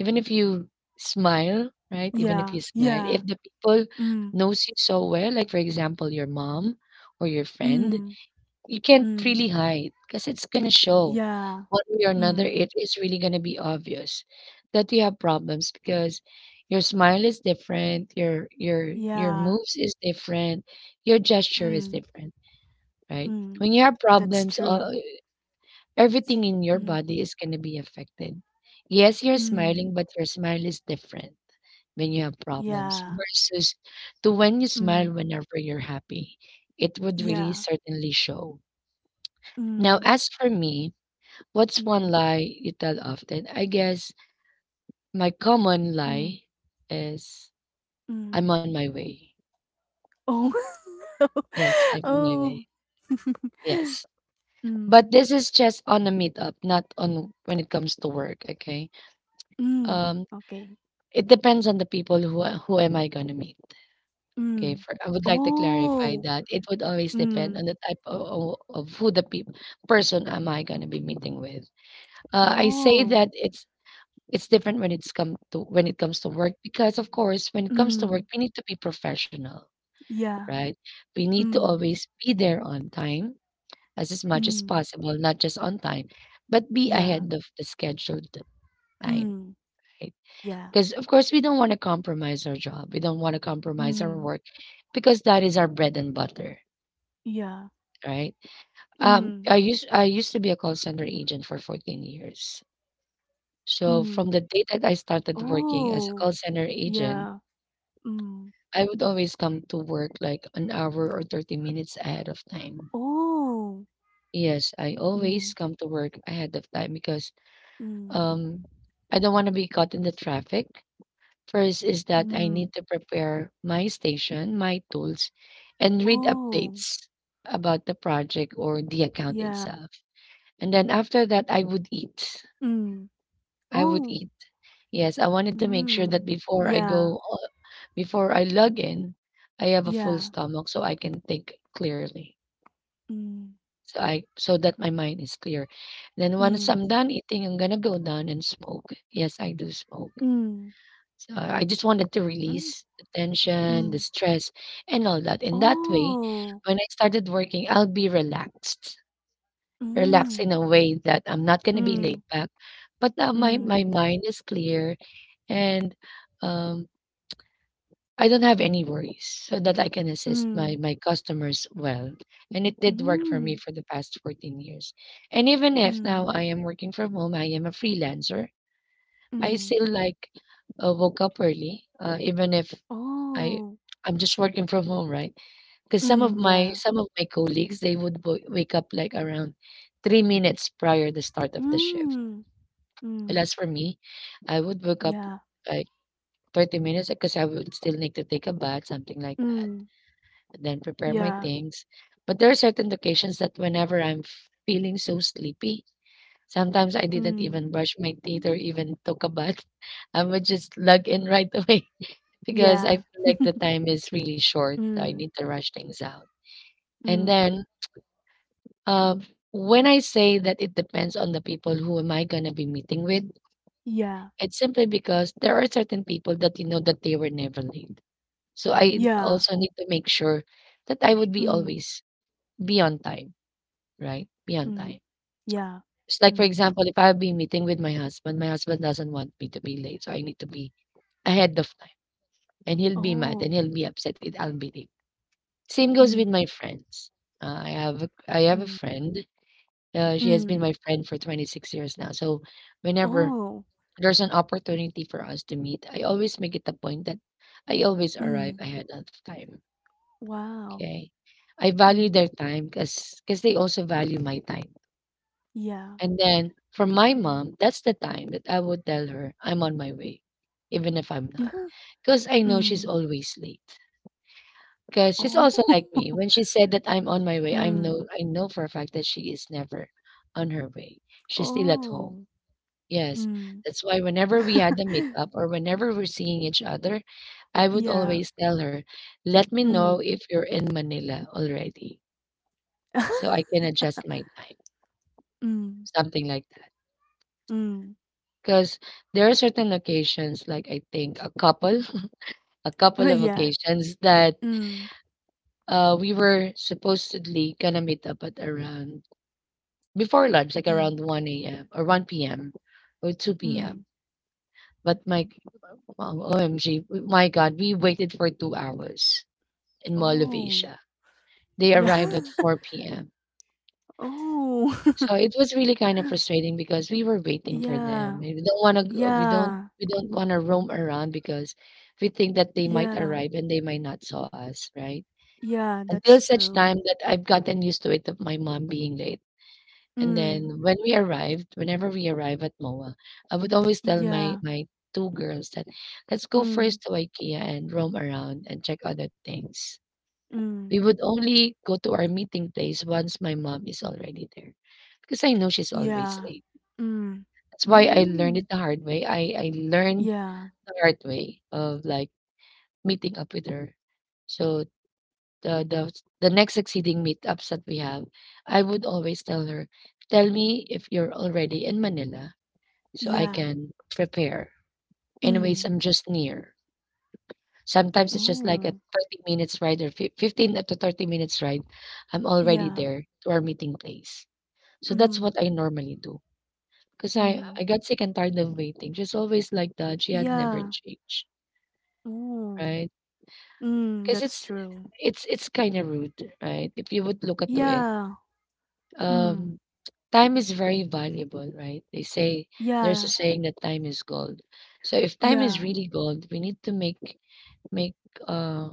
Speaker 1: even if you smile, right? Even if
Speaker 2: Yeah.
Speaker 1: you smile,
Speaker 2: Yeah.
Speaker 1: if the people
Speaker 2: Mm.
Speaker 1: knows you so well, like for example, your mom or your friend,
Speaker 2: Mm.
Speaker 1: you can't
Speaker 2: Mm.
Speaker 1: really hide because it's gonna show
Speaker 2: Yeah.
Speaker 1: one way or another.
Speaker 2: Mm.
Speaker 1: It is really gonna be obvious that you have problems because your smile is different, your
Speaker 2: Yeah.
Speaker 1: moves is different, your gesture is
Speaker 2: Mm.
Speaker 1: different, right?
Speaker 2: Mm.
Speaker 1: When you have
Speaker 2: That's
Speaker 1: problems,
Speaker 2: true.
Speaker 1: everything in your
Speaker 2: Mm.
Speaker 1: body is gonna be affected. Yes, you're
Speaker 2: Mm.
Speaker 1: smiling, but your smile is different when you have problems
Speaker 2: Yeah.
Speaker 1: versus to when you
Speaker 2: Mm.
Speaker 1: smile whenever you're happy. It would really
Speaker 2: Yeah.
Speaker 1: certainly show now,
Speaker 2: Mm.
Speaker 1: as for me, what's one
Speaker 2: Mm.
Speaker 1: lie you tell often? I guess my common
Speaker 2: Mm.
Speaker 1: lie is
Speaker 2: Mm.
Speaker 1: I'm on my way.
Speaker 2: Oh. No.
Speaker 1: Yes, I'm on my
Speaker 2: Oh.
Speaker 1: way. Yes.
Speaker 2: Mm.
Speaker 1: But this is just on a meetup, not on when it comes to work, okay?
Speaker 2: Mm.
Speaker 1: Um
Speaker 2: Okay.
Speaker 1: it depends on the people who am I going to meet. Okay,
Speaker 2: Mm.
Speaker 1: for, I would like to clarify
Speaker 2: Oh.
Speaker 1: that it would always depend on
Speaker 2: Mm.
Speaker 1: the type of who the peop person am I going to be meeting with. I say
Speaker 2: Oh.
Speaker 1: that it's different when it comes to work because of course when it comes to work
Speaker 2: Mm,
Speaker 1: we need to be professional,
Speaker 2: yeah,
Speaker 1: right? We need to
Speaker 2: mm,
Speaker 1: always be there on time as much as
Speaker 2: mm,
Speaker 1: possible, not just on time, but be
Speaker 2: yeah,
Speaker 1: ahead of the scheduled time,
Speaker 2: mm,
Speaker 1: right?
Speaker 2: yeah,
Speaker 1: Because of course we don't want to compromise our job. We don't want to compromise our
Speaker 2: mm,
Speaker 1: work because that is our bread and butter,
Speaker 2: yeah,
Speaker 1: right?
Speaker 2: mm,
Speaker 1: I used to be a call center agent for 14 years. So from
Speaker 2: mm.
Speaker 1: the day that I started working as a
Speaker 2: Oh,
Speaker 1: call center agent,
Speaker 2: yeah, mm,
Speaker 1: I would always come to work like an hour or 30 minutes ahead of time.
Speaker 2: oh,
Speaker 1: Yes, I always
Speaker 2: mm,
Speaker 1: come to work ahead of time because
Speaker 2: mm,
Speaker 1: um I don't want to be caught in the traffic. First is that I
Speaker 2: mm,
Speaker 1: need to prepare my station, my tools, and read
Speaker 2: oh,
Speaker 1: updates about the project or the account
Speaker 2: yeah,
Speaker 1: itself. And then after that, I would eat.
Speaker 2: mm,
Speaker 1: I would
Speaker 2: oh,
Speaker 1: eat. Yes, I wanted to make sure that
Speaker 2: mm,
Speaker 1: before I
Speaker 2: yeah,
Speaker 1: go, before I log in, I have a full
Speaker 2: yeah,
Speaker 1: stomach so I can think clearly.
Speaker 2: mm,
Speaker 1: So that my mind is clear. Then once
Speaker 2: mm,
Speaker 1: I'm done eating, I'm gonna go down and smoke. Yes, I do smoke.
Speaker 2: mm,
Speaker 1: So I just wanted to
Speaker 2: mm,
Speaker 1: release the tension, the
Speaker 2: mm,
Speaker 1: stress, and all that. In that way,
Speaker 2: oh,
Speaker 1: when I started working, I'll be relaxed. Relaxed
Speaker 2: mm,
Speaker 1: in a way that I'm not gonna be
Speaker 2: mm,
Speaker 1: laid back, but now my
Speaker 2: mm,
Speaker 1: my mind is clear, and um, I don't have any worries so that I can assist
Speaker 2: mm,
Speaker 1: my customers well. And it did work for
Speaker 2: mm,
Speaker 1: me for the past 14 years. And even if
Speaker 2: mm,
Speaker 1: now I am working from home, I am a freelancer. I
Speaker 2: mm.
Speaker 1: still like woke up early, even if I
Speaker 2: Oh.
Speaker 1: I'm just working from home, right? Because some of
Speaker 2: Mm,
Speaker 1: my
Speaker 2: yeah.
Speaker 1: some of my colleagues they would wake up like around 3 minutes prior the start of the shift.
Speaker 2: Mm.
Speaker 1: But
Speaker 2: Mm.
Speaker 1: as for me, I would wake up
Speaker 2: Yeah.
Speaker 1: like 30 minutes because I would still need to take a bath, something like that,
Speaker 2: Mm.
Speaker 1: then prepare my
Speaker 2: Yeah.
Speaker 1: things. But there are certain occasions that whenever I'm feeling so sleepy, sometimes I didn't
Speaker 2: Mm.
Speaker 1: even brush my teeth or even took a bath. I would just log in right away because I
Speaker 2: Yeah.
Speaker 1: feel like the time is really short. So I
Speaker 2: Mm.
Speaker 1: need to rush things out. And
Speaker 2: Mm.
Speaker 1: then um, when I say that, it depends on the people who am I going to be meeting with.
Speaker 2: Yeah.
Speaker 1: It's simply because there are certain people that you know that they were never late. So I
Speaker 2: Yeah.
Speaker 1: also need to make sure that I would be
Speaker 2: Mm.
Speaker 1: always be on time. Right? Be
Speaker 2: Mm.
Speaker 1: on time.
Speaker 2: Yeah.
Speaker 1: It's like,
Speaker 2: Mm.
Speaker 1: for example, if I'll be meeting with my husband doesn't want me to be late, so I need to be ahead of time, and he'll be mad
Speaker 2: Oh.
Speaker 1: and he'll be upset if I'll be late. Same goes with
Speaker 2: Mm.
Speaker 1: my friends. I have a friend. She has
Speaker 2: Mm.
Speaker 1: been my friend for 26 years now. So whenever
Speaker 2: Oh.
Speaker 1: there's an opportunity for us to meet, I always make it a point that I always
Speaker 2: Mm.
Speaker 1: arrive ahead of time.
Speaker 2: Wow.
Speaker 1: Okay, I value
Speaker 2: Mm.
Speaker 1: their time because they also value my time.
Speaker 2: Yeah.
Speaker 1: And then for my
Speaker 2: Mm.
Speaker 1: mom, that's the time that I would tell her I'm on my way, even if I'm not, because I know she's
Speaker 2: Mm.
Speaker 1: always late. Because she's
Speaker 2: Oh.
Speaker 1: also like me. When she said that I'm on my way, I
Speaker 2: Mm.
Speaker 1: am no I know for a fact that she is never on her way. She's still at
Speaker 2: Oh.
Speaker 1: home. Yes,
Speaker 2: Mm.
Speaker 1: that's why whenever we had a meetup or whenever we're seeing each other, I would
Speaker 2: Yeah.
Speaker 1: always tell her, "Let me
Speaker 2: Mm.
Speaker 1: know if you're in Manila already, so I can adjust my time."
Speaker 2: Mm.
Speaker 1: Something like that.
Speaker 2: Mm.
Speaker 1: Because there are certain occasions, like I think a couple, a couple of
Speaker 2: Yeah.
Speaker 1: occasions that
Speaker 2: Mm.
Speaker 1: we were supposedly gonna meet up at around before lunch, like
Speaker 2: Mm,
Speaker 1: around 1 a.m. or 1 p.m. or 2 p.m.
Speaker 2: mm.
Speaker 1: But my Wow, OMG. My God, we waited for 2 hours in Mall of
Speaker 2: Oh,
Speaker 1: Asia. They arrived at
Speaker 2: yeah.
Speaker 1: 4 p.m.
Speaker 2: Oh,
Speaker 1: So it was really kind of frustrating because we were waiting for them.
Speaker 2: yeah.
Speaker 1: We don't want to
Speaker 2: Yeah.
Speaker 1: we don't want to roam around because we think that they might
Speaker 2: Yeah.
Speaker 1: arrive and they might not saw us, right?
Speaker 2: Yeah,
Speaker 1: Until
Speaker 2: that's
Speaker 1: such
Speaker 2: true.
Speaker 1: time that I've gotten used to it of my mom being late. And
Speaker 2: Mm.
Speaker 1: then when we arrived, whenever we arrive at MOA, I would always tell
Speaker 2: Yeah.
Speaker 1: my two girls that let's go
Speaker 2: Mm.
Speaker 1: first to IKEA and roam around and check other things.
Speaker 2: Mm.
Speaker 1: We would only go to our meeting place once my mom is already there because I know she's always
Speaker 2: Yeah.
Speaker 1: late.
Speaker 2: Mm.
Speaker 1: That's why I learned
Speaker 2: Mm.
Speaker 1: it the hard way. I learned
Speaker 2: Yeah.
Speaker 1: the hard way of like meeting up with her. So the the the next succeeding meetups that we have, I would always tell her, tell me if you're already in Manila so I
Speaker 2: Yeah.
Speaker 1: can prepare. Anyways,
Speaker 2: Mm.
Speaker 1: I'm just near. Sometimes it's just like a
Speaker 2: Oh.
Speaker 1: 30 minutes ride, or 15 to 30 minutes ride. I'm already
Speaker 2: Yeah.
Speaker 1: there to our meeting place. So that's
Speaker 2: Mm.
Speaker 1: what I normally do. 'Cause I
Speaker 2: Mm.
Speaker 1: I got sick and tired of waiting. She's always like that, she had never
Speaker 2: Yeah.
Speaker 1: changed,
Speaker 2: Oh.
Speaker 1: right?
Speaker 2: Mm,
Speaker 1: Cause
Speaker 2: that's
Speaker 1: it's
Speaker 2: true.
Speaker 1: it's it's kinda rude, right? If you would look into it,
Speaker 2: Yeah. Mm.
Speaker 1: um, time is very valuable, right? They say there's a
Speaker 2: Yeah.
Speaker 1: saying that time is gold. So if time is
Speaker 2: Yeah.
Speaker 1: really gold, we need to make, uh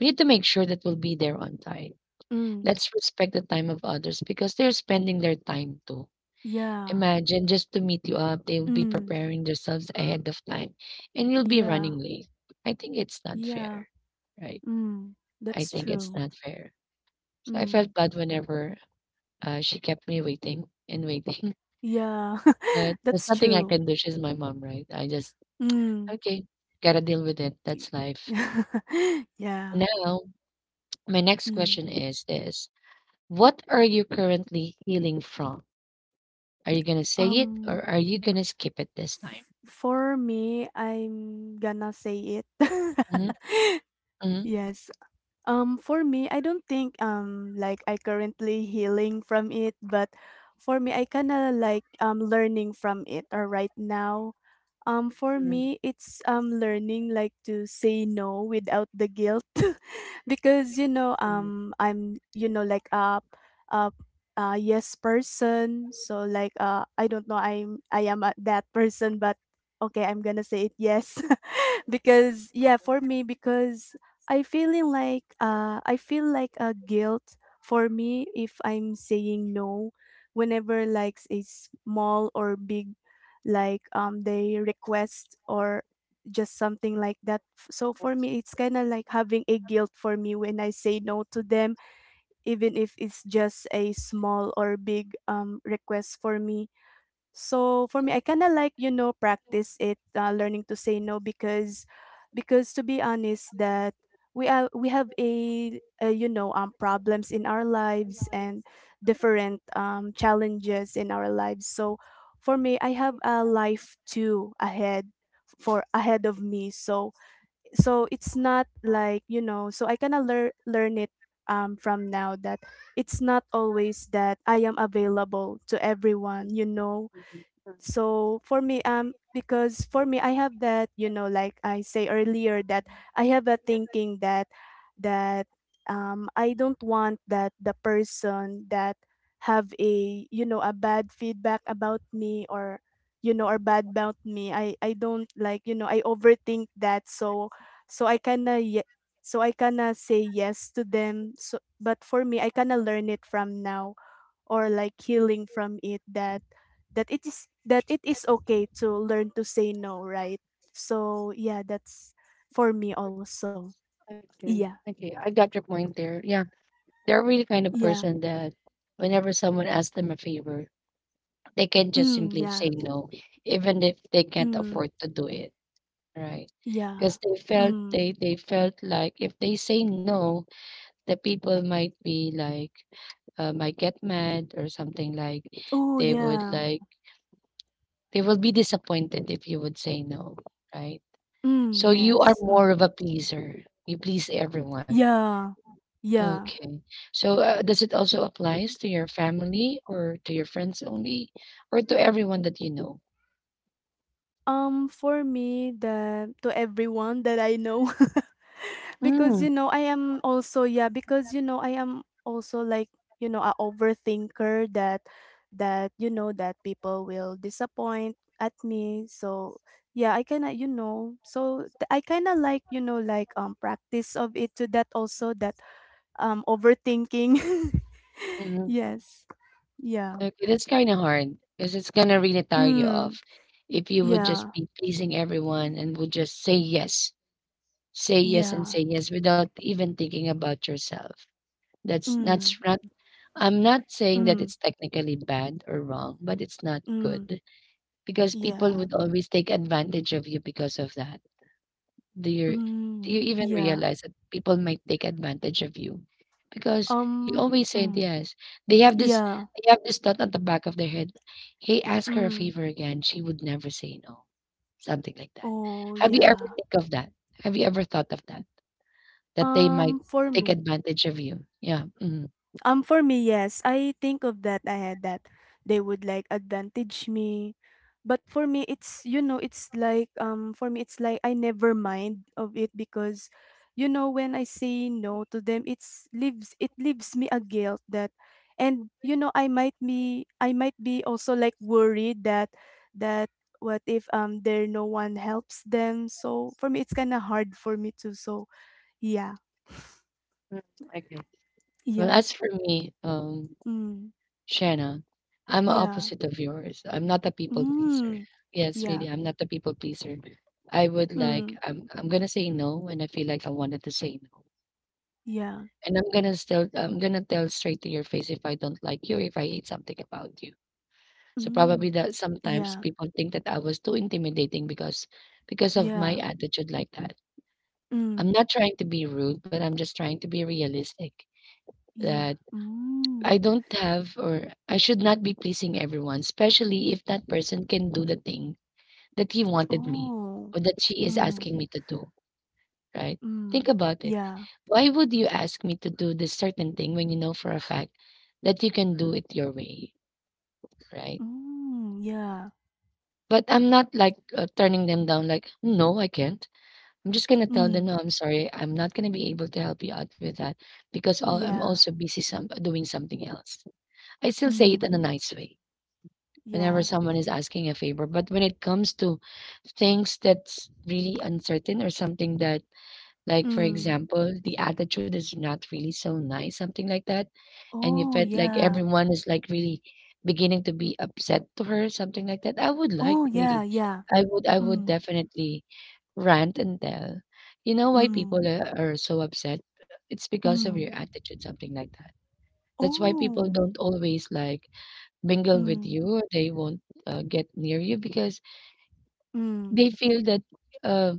Speaker 1: we need to make sure that we'll be there on time.
Speaker 2: Mm.
Speaker 1: Let's respect the time of others because they're spending their time too.
Speaker 2: Yeah.
Speaker 1: Imagine just to meet you up, they'll be
Speaker 2: Mm.
Speaker 1: preparing themselves ahead of time and you'll be
Speaker 2: Yeah.
Speaker 1: running late. I think it's not
Speaker 2: Yeah.
Speaker 1: fair, right?
Speaker 2: Mm.
Speaker 1: I
Speaker 2: That's
Speaker 1: think it's
Speaker 2: true.
Speaker 1: not fair. So I
Speaker 2: Mm.
Speaker 1: felt bad whenever she kept me waiting and waiting,
Speaker 2: Yeah.
Speaker 1: but there's
Speaker 2: That's
Speaker 1: nothing I
Speaker 2: true.
Speaker 1: can do. She's my mom, right? I just,
Speaker 2: Mm.
Speaker 1: okay, gotta deal with it.
Speaker 2: y-
Speaker 1: That's life.
Speaker 2: Yeah.
Speaker 1: Now, my next
Speaker 2: Mm.
Speaker 1: question is this. What are you currently healing from? Are you gonna say it
Speaker 2: Um,
Speaker 1: or are you gonna skip it this time?
Speaker 2: for me, I'm gonna say it.
Speaker 1: Hmm.
Speaker 2: Yes. For me, I don't think like I currently healing from it, but for me, I kind of like learning from it. Or right now, for
Speaker 1: Hmm.
Speaker 2: me, it's learning like to say no without the guilt, because I'm like a a, a yes person, so like I don't know I am a, that person, but okay, I'm gonna say it yes, because yeah, for me because I feeling like I feel like a guilt for me if I'm saying no whenever like a small or big like they request or just something like that. So for me it's kind of like having a guilt for me when I say no to them even if it's just a small or big request for me. So for me, I kind of like practice it learning to say no because to be honest that we have a problems in our lives and different challenges in our lives. So for me, I have a life too ahead for ahead of me. So so it's not like so I kind of learn it from now that it's not always that I am available to everyone,
Speaker 1: Mhm. Correct.
Speaker 2: so for me because for me I have that like I say earlier that I have a thinking that that I don't want that the person that have a a bad feedback about me or or bad about me I don't like I overthink that so so I kind of so I kind of say yes to them so but for me I kind of learn it from now or like healing from it that that it is okay to learn to say no, right? So yeah, that's for me also.
Speaker 1: Okay.
Speaker 2: Yeah.
Speaker 1: Okay. I got your point there. Yeah. They're really
Speaker 2: Yeah.
Speaker 1: kind of person that whenever someone asks them a favor, they can just
Speaker 2: Mm,
Speaker 1: simply
Speaker 2: yeah.
Speaker 1: say no, even if they can't
Speaker 2: Mm,
Speaker 1: afford to do it. Right. Because
Speaker 2: yeah.
Speaker 1: they felt they
Speaker 2: Mm.
Speaker 1: they felt like if they say no, the people might be like might get mad or something like
Speaker 2: Oh
Speaker 1: they would
Speaker 2: yeah.
Speaker 1: like they will be disappointed if you would say no. Right.
Speaker 2: Mm,
Speaker 1: So you are
Speaker 2: yes.
Speaker 1: more of
Speaker 2: Mm.
Speaker 1: a pleaser. You please everyone.
Speaker 2: Yeah. Yeah.
Speaker 1: Okay. So, does it also applies to your family or to your friends only or to everyone that you know?
Speaker 2: For me the to everyone that I know. Because,
Speaker 1: Mm,
Speaker 2: you know, I am also yeah, because, you know, I am also like, you know, a overthinker that you know, that people will disappoint at me. So, yeah, I kind of, you know, so I kind of like, you know, like practice of it to that also that overthinking.
Speaker 1: mhm.
Speaker 2: Yes. Yeah.
Speaker 1: Okay, that's kind of hard because it's gonna really tire you
Speaker 2: Mm,
Speaker 1: off if you would just
Speaker 2: yeah.
Speaker 1: be pleasing everyone and would just say yes and
Speaker 2: Yeah.
Speaker 1: say yes without even thinking about yourself. That's
Speaker 2: Mm,
Speaker 1: not. I'm not saying that
Speaker 2: mm,
Speaker 1: it's technically bad or wrong, but it's not
Speaker 2: mm.
Speaker 1: good because people
Speaker 2: Yeah.
Speaker 1: would always take advantage of you because of that. Do you do you
Speaker 2: Mm,
Speaker 1: even
Speaker 2: yeah.
Speaker 1: realize that people might take advantage of you? Because you
Speaker 2: Um,
Speaker 1: always said
Speaker 2: mm,
Speaker 1: yes. They have this
Speaker 2: yeah.
Speaker 1: they have this thought at the back of their head. Hey, ask her a
Speaker 2: Mm.
Speaker 1: favor again. She would never say no. Something like that.
Speaker 2: Oh,
Speaker 1: Have you ever
Speaker 2: yeah.
Speaker 1: think of that? Have you ever thought of that? That they might
Speaker 2: For
Speaker 1: take
Speaker 2: me.
Speaker 1: advantage of you. Yeah. Mhm.
Speaker 2: For me, yes. I think of that. I had that. They would like advantage me. But for me, it's, you know, it's like, for me, it's like I never mind of it because, you know, when I say no to them, it leaves me a guilt that, and, you know, I might be also like worried that, that what if, there no one helps them. So for me, it's kind of hard for me to, so, yeah,
Speaker 1: Mm. Okay. Well,
Speaker 2: yeah,
Speaker 1: as for me,
Speaker 2: mm,
Speaker 1: Shannon, I'm
Speaker 2: yeah,
Speaker 1: opposite of yours. I'm not a people pleaser.
Speaker 2: mm,
Speaker 1: Yes, really,
Speaker 2: yeah,
Speaker 1: I'm not a people pleaser. I would like
Speaker 2: mm,
Speaker 1: I'm gonna say no when I feel like I wanted to say no.
Speaker 2: yeah,
Speaker 1: And I'm gonna tell straight to your face if I don't like you if I hate something about you. So probably
Speaker 2: mm,
Speaker 1: that sometimes
Speaker 2: yeah,
Speaker 1: people think that I was too intimidating because of my
Speaker 2: yeah,
Speaker 1: attitude like that. I'm
Speaker 2: mm,
Speaker 1: not trying to be rude, but I'm just trying to be realistic.
Speaker 2: yeah,
Speaker 1: That
Speaker 2: mm,
Speaker 1: I don't have, or I should not be pleasing everyone, especially if that person can do the thing that he wanted me
Speaker 2: oh,
Speaker 1: or that she is
Speaker 2: mm,
Speaker 1: asking me to do, right? Think
Speaker 2: mm,
Speaker 1: about it.
Speaker 2: yeah,
Speaker 1: Why would you ask me to do this certain thing when you know for a fact that you can do it your way, right?
Speaker 2: mm, yeah,
Speaker 1: But I'm not like turning them down, like, no, I can't. I'm just going to tell them,
Speaker 2: mm,
Speaker 1: no, I'm sorry. I'm not going to be able to help you out with that because I'm
Speaker 2: yeah,
Speaker 1: also busy some, doing something else. I still say it in
Speaker 2: mm,
Speaker 1: a nice way whenever
Speaker 2: yeah,
Speaker 1: someone is asking a favor. But when it comes to things that's really uncertain or something that, like, for
Speaker 2: mm,
Speaker 1: example, the attitude is not really so nice, something like that, and you
Speaker 2: oh,
Speaker 1: felt like
Speaker 2: yeah,
Speaker 1: everyone is like really beginning to be upset to her, something like that, I would like
Speaker 2: oh, yeah,
Speaker 1: really.
Speaker 2: yeah,
Speaker 1: I would
Speaker 2: mm,
Speaker 1: definitely rant and tell. You know why people
Speaker 2: mm,
Speaker 1: are so upset? It's because of your
Speaker 2: mm,
Speaker 1: attitude, something like that. That's why people
Speaker 2: oh,
Speaker 1: don't always like mingle with
Speaker 2: mm,
Speaker 1: you. They won't get near you because
Speaker 2: mm,
Speaker 1: they feel that uh,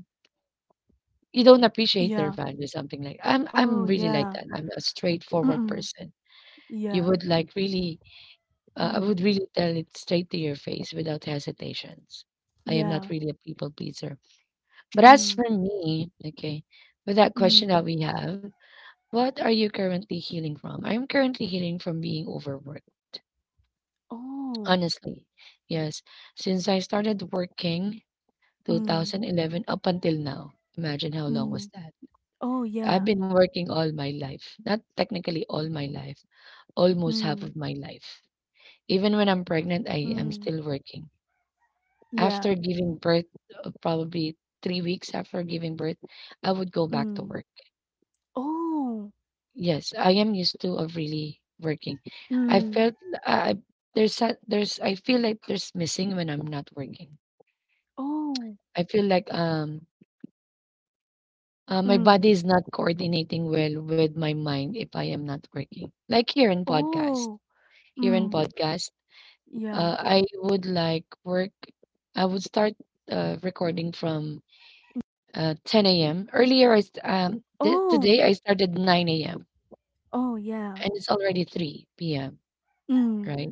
Speaker 1: you don't appreciate their
Speaker 2: yeah,
Speaker 1: value. Something like I'm. I'm
Speaker 2: oh,
Speaker 1: really like
Speaker 2: yeah,
Speaker 1: that. I'm a
Speaker 2: mm,
Speaker 1: straightforward
Speaker 2: mm,
Speaker 1: person. You
Speaker 2: yeah.
Speaker 1: would like really. I would
Speaker 2: Mm,
Speaker 1: really tell it straight to your face without hesitations. I am not
Speaker 2: yeah.
Speaker 1: really a people pleaser. But as
Speaker 2: Mm,
Speaker 1: for me, okay, with that question that
Speaker 2: mm.
Speaker 1: we have, what are you currently healing from? I'm currently healing from being overworked.
Speaker 2: Oh.
Speaker 1: Honestly, yes. Since I started working
Speaker 2: Mm,
Speaker 1: 2011 up until now. Imagine how long was
Speaker 2: mm.
Speaker 1: that.
Speaker 2: Oh,
Speaker 1: I've
Speaker 2: yeah.
Speaker 1: been working all my life. Not technically all my life, almost half
Speaker 2: Mm,
Speaker 1: of my life. Even when I'm pregnant, I am
Speaker 2: mm.
Speaker 1: still working. After
Speaker 2: Yeah.
Speaker 1: giving birth, probably 3 weeks after giving birth, I would go back to
Speaker 2: Mm.
Speaker 1: work.
Speaker 2: Oh.
Speaker 1: Yes, I am used to of really working. I
Speaker 2: Mm.
Speaker 1: felt I I- there's I feel like there's missing when I'm not working.
Speaker 2: Oh.
Speaker 1: I feel like my
Speaker 2: Mm.
Speaker 1: body is not coordinating well with my mind if I am not working. Like
Speaker 2: Oh.
Speaker 1: here in
Speaker 2: Mm.
Speaker 1: podcast,
Speaker 2: Yeah.
Speaker 1: I would like work. I would start recording from 10 a.m. Earlier,
Speaker 2: Oh.
Speaker 1: today I started 9 a.m.
Speaker 2: Oh, yeah.
Speaker 1: and it's already 3 p.m.
Speaker 2: Mm.
Speaker 1: Right,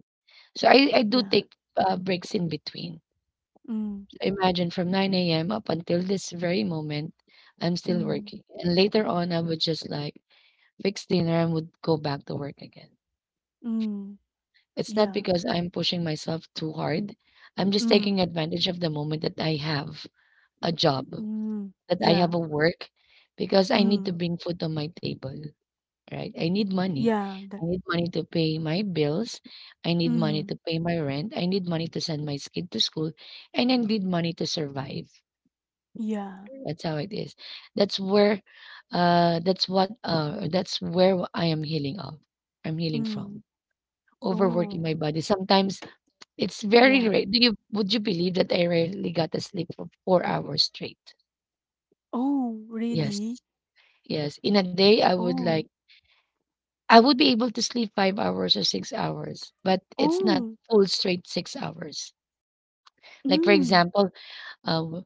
Speaker 1: so I do
Speaker 2: Yeah.
Speaker 1: take breaks in between.
Speaker 2: Mm.
Speaker 1: Imagine from 9 a.m. up until this very moment, I'm still
Speaker 2: Mm.
Speaker 1: working, and later on I would just like fix dinner and would go back to work again.
Speaker 2: Mm.
Speaker 1: It's not
Speaker 2: Yeah.
Speaker 1: because I'm pushing myself too hard. I'm just taking
Speaker 2: Mm.
Speaker 1: advantage of the moment that I have a job,
Speaker 2: Mm.
Speaker 1: that I have
Speaker 2: Yeah.
Speaker 1: a work, because I need to
Speaker 2: Mm.
Speaker 1: bring food on my table, right? I need money.
Speaker 2: Yeah. That.
Speaker 1: I need money to pay my bills. I need money
Speaker 2: Mm.
Speaker 1: to pay my rent. I need money to send my kid to school. And I need money to survive.
Speaker 2: Yeah.
Speaker 1: That's how it is. That's where, that's where I am healing of. I'm healing
Speaker 2: Mm.
Speaker 1: from. Overworking
Speaker 2: Oh.
Speaker 1: my body. Sometimes it's very
Speaker 2: Yeah.
Speaker 1: rare. Do you would you believe that I rarely got a sleep for 4 hours straight?
Speaker 2: Oh,
Speaker 1: Yes.
Speaker 2: really?
Speaker 1: Yes. In a day, I would like
Speaker 2: Oh,
Speaker 1: I would be able to sleep 5 hours or 6 hours, but it's not
Speaker 2: oh,
Speaker 1: full straight 6 hours. Like, for
Speaker 2: mm,
Speaker 1: example, uh, w-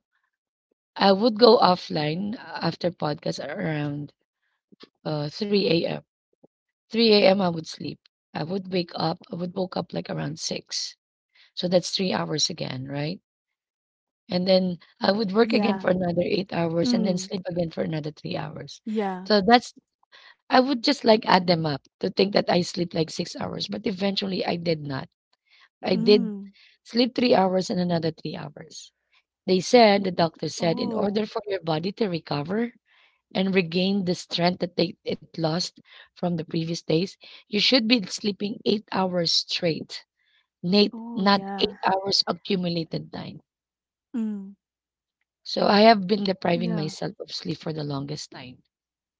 Speaker 1: I would go offline after podcast around 3 a.m. 3 a.m. I would sleep. I would wake up. I would woke up like around 6. So that's 3 hours again, right? And then I would work again
Speaker 2: yeah,
Speaker 1: for another 8 hours and then
Speaker 2: mm,
Speaker 1: sleep again for another 3 hours.
Speaker 2: yeah,
Speaker 1: So that's I would just like add them up to think that I sleep like 6 hours, but eventually I did not. I did
Speaker 2: mm,
Speaker 1: sleep 3 hours and another 3 hours. They said, the doctor said, in
Speaker 2: oh,
Speaker 1: order for your body to recover and regain the strength that it lost from the previous days, you should be sleeping 8 hours straight, Nate,
Speaker 2: oh,
Speaker 1: not
Speaker 2: yeah,
Speaker 1: 8 hours accumulated time.
Speaker 2: mm,
Speaker 1: So I have been depriving
Speaker 2: yeah,
Speaker 1: myself of sleep for the longest time.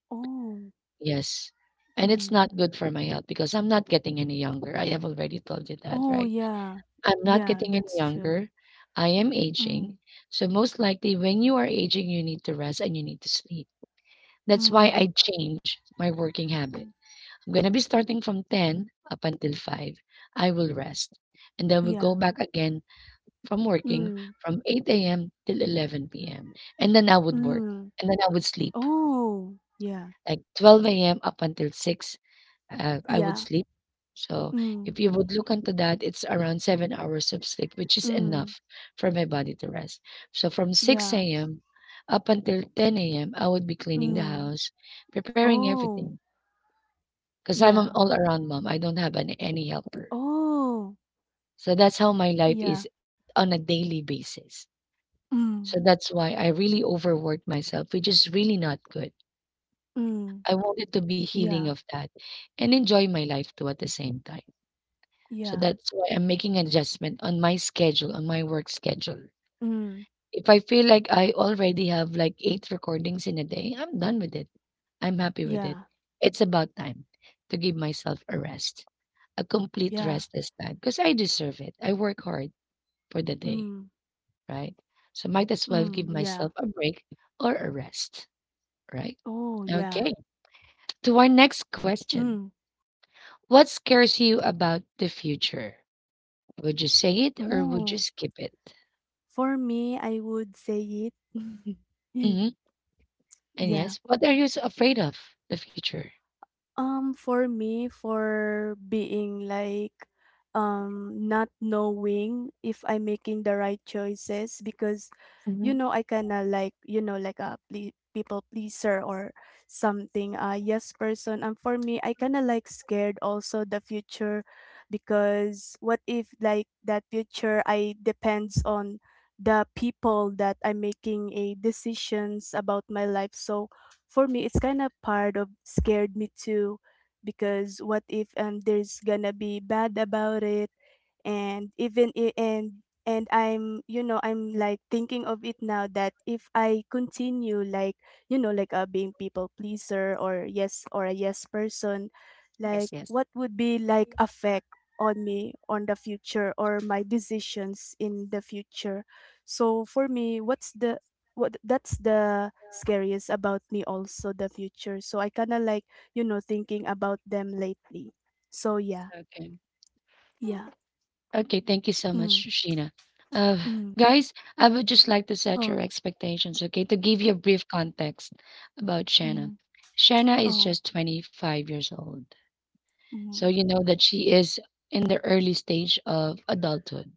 Speaker 2: oh,
Speaker 1: Yes. And it's
Speaker 2: mm,
Speaker 1: not good for my health because I'm not getting any younger. I have already told you that,
Speaker 2: oh,
Speaker 1: right?
Speaker 2: yeah,
Speaker 1: I'm not
Speaker 2: yeah,
Speaker 1: getting any
Speaker 2: that's true.
Speaker 1: younger. I am aging.
Speaker 2: Mm,
Speaker 1: So most likely when you are aging, you need to rest and you need to sleep. That's why
Speaker 2: mm,
Speaker 1: I change my working habit.
Speaker 2: mm,
Speaker 1: I'm going to be starting from 10 up until 5. I will rest. And then we'll go
Speaker 2: yeah,
Speaker 1: back again from working
Speaker 2: mm,
Speaker 1: from 8 a.m. till 11 p.m. And then I would work
Speaker 2: mm,
Speaker 1: and then I would sleep
Speaker 2: oh, yeah,
Speaker 1: like 12 AM up until 6, I would
Speaker 2: yeah,
Speaker 1: sleep. So
Speaker 2: mm,
Speaker 1: if you would look into that, it's around 7 hours of sleep, which is
Speaker 2: mm,
Speaker 1: enough for my body to rest. So from
Speaker 2: yeah,
Speaker 1: 6 AM up until 10 AM, I would be cleaning the
Speaker 2: mm,
Speaker 1: house, preparing
Speaker 2: oh,
Speaker 1: everything because I'm an
Speaker 2: yeah,
Speaker 1: all-around mom. I don't have any helper.
Speaker 2: oh,
Speaker 1: So that's how my life
Speaker 2: yeah,
Speaker 1: is on a daily basis.
Speaker 2: mm,
Speaker 1: So that's why I really overwork myself, which is really not good.
Speaker 2: mm,
Speaker 1: I wanted to be healing
Speaker 2: yeah,
Speaker 1: of that and enjoy my life too at the same time. So
Speaker 2: yeah,
Speaker 1: that's why I'm making an adjustment on my schedule, on my work schedule.
Speaker 2: mm,
Speaker 1: If I feel like I already have like eight recordings in a day, I'm done with it. I'm happy with it.
Speaker 2: yeah.
Speaker 1: It's about time to give myself a rest, a complete
Speaker 2: Yeah.
Speaker 1: rest this time, because I deserve it. I work hard for the day,
Speaker 2: Mm.
Speaker 1: right? So might as well
Speaker 2: Mm.
Speaker 1: give
Speaker 2: Yeah.
Speaker 1: myself a break or a rest, right?
Speaker 2: Oh, yeah.
Speaker 1: Okay, to our next question.
Speaker 2: Mm.
Speaker 1: What scares you about the future? Would you say it or would you
Speaker 2: Oh,
Speaker 1: skip it?
Speaker 2: for me, I would say it.
Speaker 1: Hmm. And
Speaker 2: Yeah.
Speaker 1: yes, what are you afraid of? The future.
Speaker 2: For me, for being like not knowing if I'm making the right choices because you
Speaker 1: Mhm.
Speaker 2: know I kinda like you know like a people pleaser or something a yes person and for me I kinda like scared also the future because what if like that future I depends on the people that I'm making a decisions about my life so for me it's kind of part of scared me too because what if there's gonna be bad about it and even and I'm you know I'm like thinking of it now that if I continue like you know like being people pleaser or yes or a yes person
Speaker 1: Yes,
Speaker 2: like
Speaker 1: yes.
Speaker 2: what would be like affect on me on the future or my decisions in the future so for me what's the what that's the scariest about me also the future so I kind of like you know thinking about them lately so yeah
Speaker 1: Okay.
Speaker 2: yeah
Speaker 1: Okay, thank you so much,
Speaker 2: mm,
Speaker 1: Sheena. Uh,
Speaker 2: mm.
Speaker 1: guys, I would just like to set
Speaker 2: Oh,
Speaker 1: your expectations, okay, to give you a brief context about Shanna.
Speaker 2: ừm,
Speaker 1: Shanna is
Speaker 2: oh,
Speaker 1: just 25 years old. So
Speaker 2: ừm,
Speaker 1: you know that she is in the early stage of adulthood,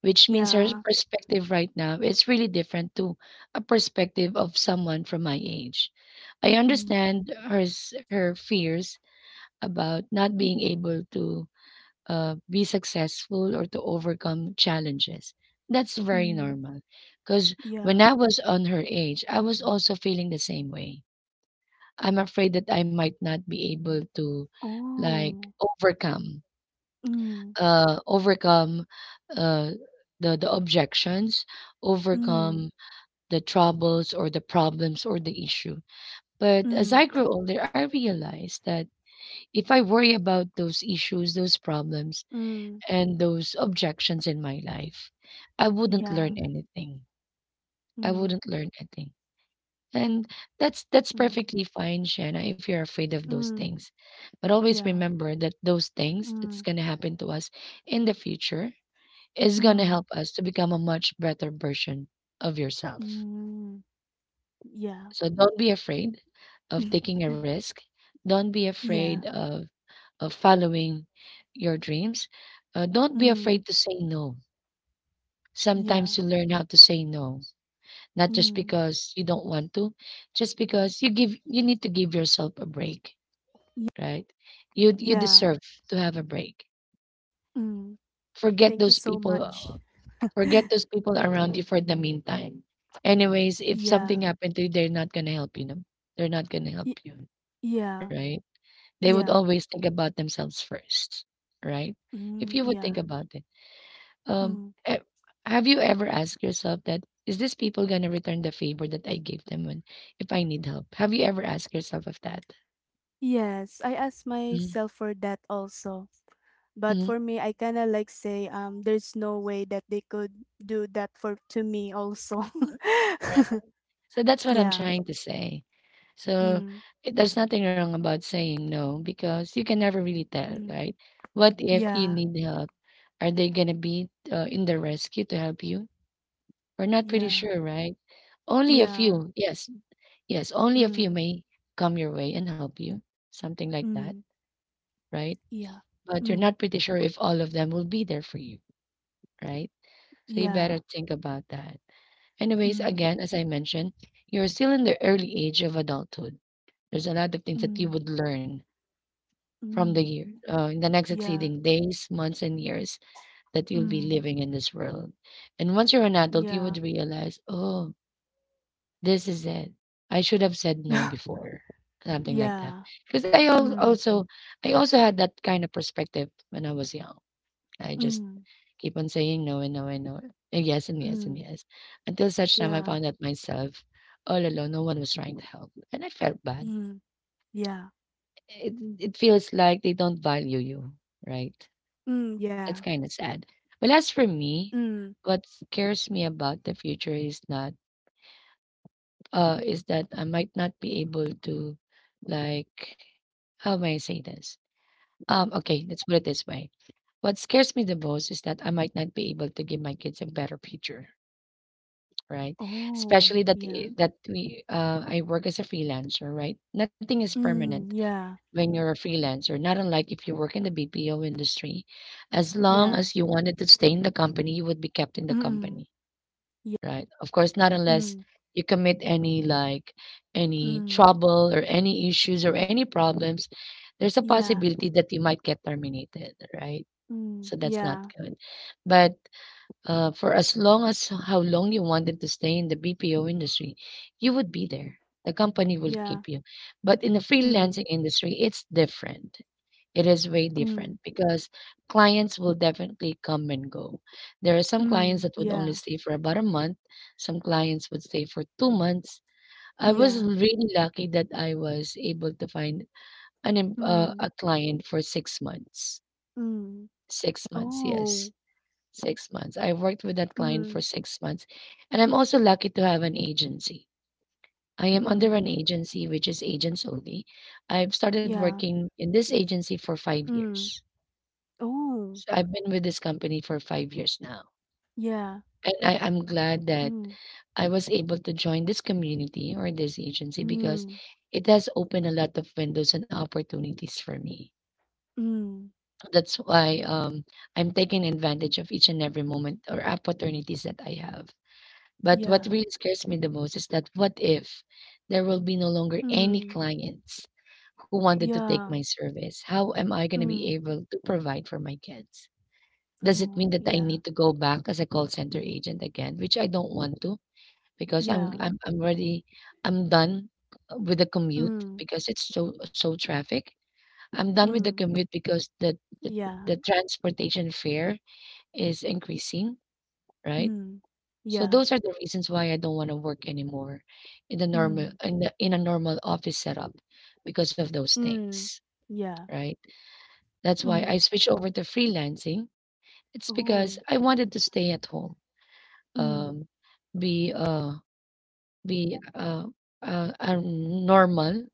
Speaker 1: which means her
Speaker 2: yeah,
Speaker 1: perspective right now is really different to a perspective of someone from my age. I
Speaker 2: ừm,
Speaker 1: understand her fears about not being able to be successful or to overcome challenges. That's very
Speaker 2: ừm,
Speaker 1: normal because when
Speaker 2: yeah.
Speaker 1: I was on her age, I was also feeling the same way. I'm afraid that I might not be able to like
Speaker 2: Oh,
Speaker 1: overcome
Speaker 2: ừm,
Speaker 1: overcome uh, the objections,
Speaker 2: ừm,
Speaker 1: overcome the troubles or the problems or the issue. But as
Speaker 2: ừm,
Speaker 1: I grew older, I realized that if I worry about those issues, those problems,
Speaker 2: ừm,
Speaker 1: and those objections in my life, I wouldn't
Speaker 2: yeah.
Speaker 1: learn anything. I
Speaker 2: ừm,
Speaker 1: wouldn't learn anything. And that's
Speaker 2: ừm,
Speaker 1: perfectly fine, Shanna, if you're afraid of those
Speaker 2: ừm,
Speaker 1: things. But always
Speaker 2: yeah.
Speaker 1: remember that those things that's
Speaker 2: ừm,
Speaker 1: gonna happen to us in the future is gonna
Speaker 2: ừm,
Speaker 1: help us to become a much better version of yourself.
Speaker 2: ừm, yeah.
Speaker 1: So don't be afraid of taking a risk. Don't be afraid
Speaker 2: Yeah,
Speaker 1: of following your dreams. Don't be
Speaker 2: ừm,
Speaker 1: afraid to say no.
Speaker 2: yeah,
Speaker 1: Sometimes you learn how to say no, not just
Speaker 2: ừm,
Speaker 1: because you don't want to, just because you give you need to give yourself a break,
Speaker 2: y
Speaker 1: right? You
Speaker 2: yeah,
Speaker 1: deserve to have a break.
Speaker 2: ừm,
Speaker 1: Forget
Speaker 2: thank you
Speaker 1: those
Speaker 2: so
Speaker 1: people
Speaker 2: much.
Speaker 1: Forget those people around you for the meantime. Anyways, if
Speaker 2: Yeah,
Speaker 1: something happened to you, they're not gonna help you, no? They're not gonna
Speaker 2: y
Speaker 1: help you,
Speaker 2: yeah,
Speaker 1: right? They would
Speaker 2: yeah,
Speaker 1: always think about themselves first, right? If
Speaker 2: ừm,
Speaker 1: you would think
Speaker 2: yeah,
Speaker 1: about it, um,
Speaker 2: ừm.
Speaker 1: e- have you ever asked yourself that, is this people gonna return the favor that I gave them when if I need help? Have you ever asked yourself of that?
Speaker 2: Yes, I asked
Speaker 1: Mhm,
Speaker 2: myself for that also. But
Speaker 1: mhm.
Speaker 2: for me, I kind of like say, there's no way that they could do that for to me also.
Speaker 1: So that's what I'm
Speaker 2: Yeah.
Speaker 1: trying to say. So
Speaker 2: Mm,
Speaker 1: there's nothing wrong about saying no because you can never really tell,
Speaker 2: mm,
Speaker 1: right? What if you
Speaker 2: yeah.
Speaker 1: need help? Are they going to be in the rescue to help you? We're not pretty
Speaker 2: Yeah.
Speaker 1: sure, right? Only a
Speaker 2: Yeah.
Speaker 1: few, yes, yes, only a few
Speaker 2: Mm,
Speaker 1: may come your way and help you, something like that,
Speaker 2: mm,
Speaker 1: right?
Speaker 2: yeah.
Speaker 1: But you're
Speaker 2: Mm,
Speaker 1: not pretty sure if all of them will be there for you, right? So you
Speaker 2: yeah.
Speaker 1: better think about that. Anyways,
Speaker 2: Mm,
Speaker 1: again, as I mentioned, you're still in the early age of adulthood. There's a lot of things that you
Speaker 2: mm,
Speaker 1: would learn from
Speaker 2: mm,
Speaker 1: in the next
Speaker 2: yeah.
Speaker 1: succeeding days, months, and years that you'll be
Speaker 2: Mm,
Speaker 1: living in this world. And once you're an adult, you would
Speaker 2: yeah.
Speaker 1: realize, oh, this is it. I should have said no before, something like that.
Speaker 2: Yeah.
Speaker 1: Because
Speaker 2: Mm,
Speaker 1: I also had that kind of perspective when I was young. I just
Speaker 2: mm,
Speaker 1: keep on saying no and no and no, and yes and yes and
Speaker 2: mm,
Speaker 1: yes, until such time I
Speaker 2: yeah.
Speaker 1: found out myself all alone. No one was trying to help, and I felt bad.
Speaker 2: Mm, yeah.
Speaker 1: It it feels like they don't value you, right?
Speaker 2: Mm, yeah.
Speaker 1: That's kind of sad. But as for me,
Speaker 2: Mm.
Speaker 1: what scares me about the future is not is that I might not be able to like how may I say this? Okay, let's put it this way. What scares me the most is that I might not be able to give my kids a better future, right?
Speaker 2: Oh,
Speaker 1: Especially that
Speaker 2: yeah.
Speaker 1: I- that we I work as a freelancer, right? Nothing is permanent.
Speaker 2: Mm, yeah,
Speaker 1: When you're a freelancer, not unlike if you work in the BPO industry. As long
Speaker 2: yeah.
Speaker 1: as you wanted to stay in the company, you would be kept in the
Speaker 2: Mm-mm.
Speaker 1: company,
Speaker 2: Yeah.
Speaker 1: right? Of course, not unless
Speaker 2: Mm,
Speaker 1: you commit any like any
Speaker 2: mm,
Speaker 1: trouble or any issues or any problems, there's a
Speaker 2: yeah.
Speaker 1: possibility that you might get terminated, right?
Speaker 2: Mm,
Speaker 1: So that's not
Speaker 2: yeah,
Speaker 1: good. But for as long as how long you wanted to stay in the BPO industry, you would be there. The company will
Speaker 2: yeah.
Speaker 1: keep you. But in the
Speaker 2: Mm,
Speaker 1: freelancing industry, it's different. It is way
Speaker 2: mm,
Speaker 1: different because clients will definitely come and go. There are some clients
Speaker 2: mm,
Speaker 1: that would only
Speaker 2: yeah,
Speaker 1: stay for about a month, some clients would stay for 2 months. I was
Speaker 2: yeah.
Speaker 1: really lucky that I was able to find
Speaker 2: Mm,
Speaker 1: a client for 6 months.
Speaker 2: mm.
Speaker 1: 6 months, yes,
Speaker 2: Oh,
Speaker 1: 6 months. I worked with that client for
Speaker 2: mm,
Speaker 1: 6 months, and I'm also lucky to have an agency. I am under
Speaker 2: mm,
Speaker 1: an agency which is agents only. I've started
Speaker 2: yeah.
Speaker 1: working in this agency for five
Speaker 2: Mm,
Speaker 1: years.
Speaker 2: oh,
Speaker 1: So I've been with this company for 5 years now.
Speaker 2: yeah.
Speaker 1: And I'm glad that
Speaker 2: Mm,
Speaker 1: I was able to join this community or this agency because
Speaker 2: mm,
Speaker 1: it has opened a lot of windows and opportunities for me.
Speaker 2: mm,
Speaker 1: That's why I'm taking advantage of each and every moment or opportunities that I have. But what
Speaker 2: yeah.
Speaker 1: really scares me the most is that, what if there will be no longer any
Speaker 2: Mm,
Speaker 1: clients who wanted to take
Speaker 2: yeah.
Speaker 1: my service? How am I going to be
Speaker 2: Mm,
Speaker 1: able to provide for my kids? Does it
Speaker 2: oh,
Speaker 1: mean that I
Speaker 2: yeah,
Speaker 1: need to go back as a call center agent again? Which I don't want to because I'm
Speaker 2: yeah.
Speaker 1: I'm I'm already, I'm done with the commute
Speaker 2: Mm,
Speaker 1: because it's so traffic. I'm done with the
Speaker 2: mm,
Speaker 1: commute because the,
Speaker 2: yeah.
Speaker 1: the transportation fare is increasing, right?
Speaker 2: Mm,
Speaker 1: So
Speaker 2: yeah.
Speaker 1: those are the reasons why I don't want to work anymore in the normal
Speaker 2: Mm.
Speaker 1: in, the, in a normal office setup because of those
Speaker 2: Mm.
Speaker 1: things,
Speaker 2: Yeah.
Speaker 1: right? That's why I
Speaker 2: Mm.
Speaker 1: switched over to freelancing. It's because
Speaker 2: Oh.
Speaker 1: I wanted to stay at home,
Speaker 2: Mm.
Speaker 1: um, be uh, be a normal.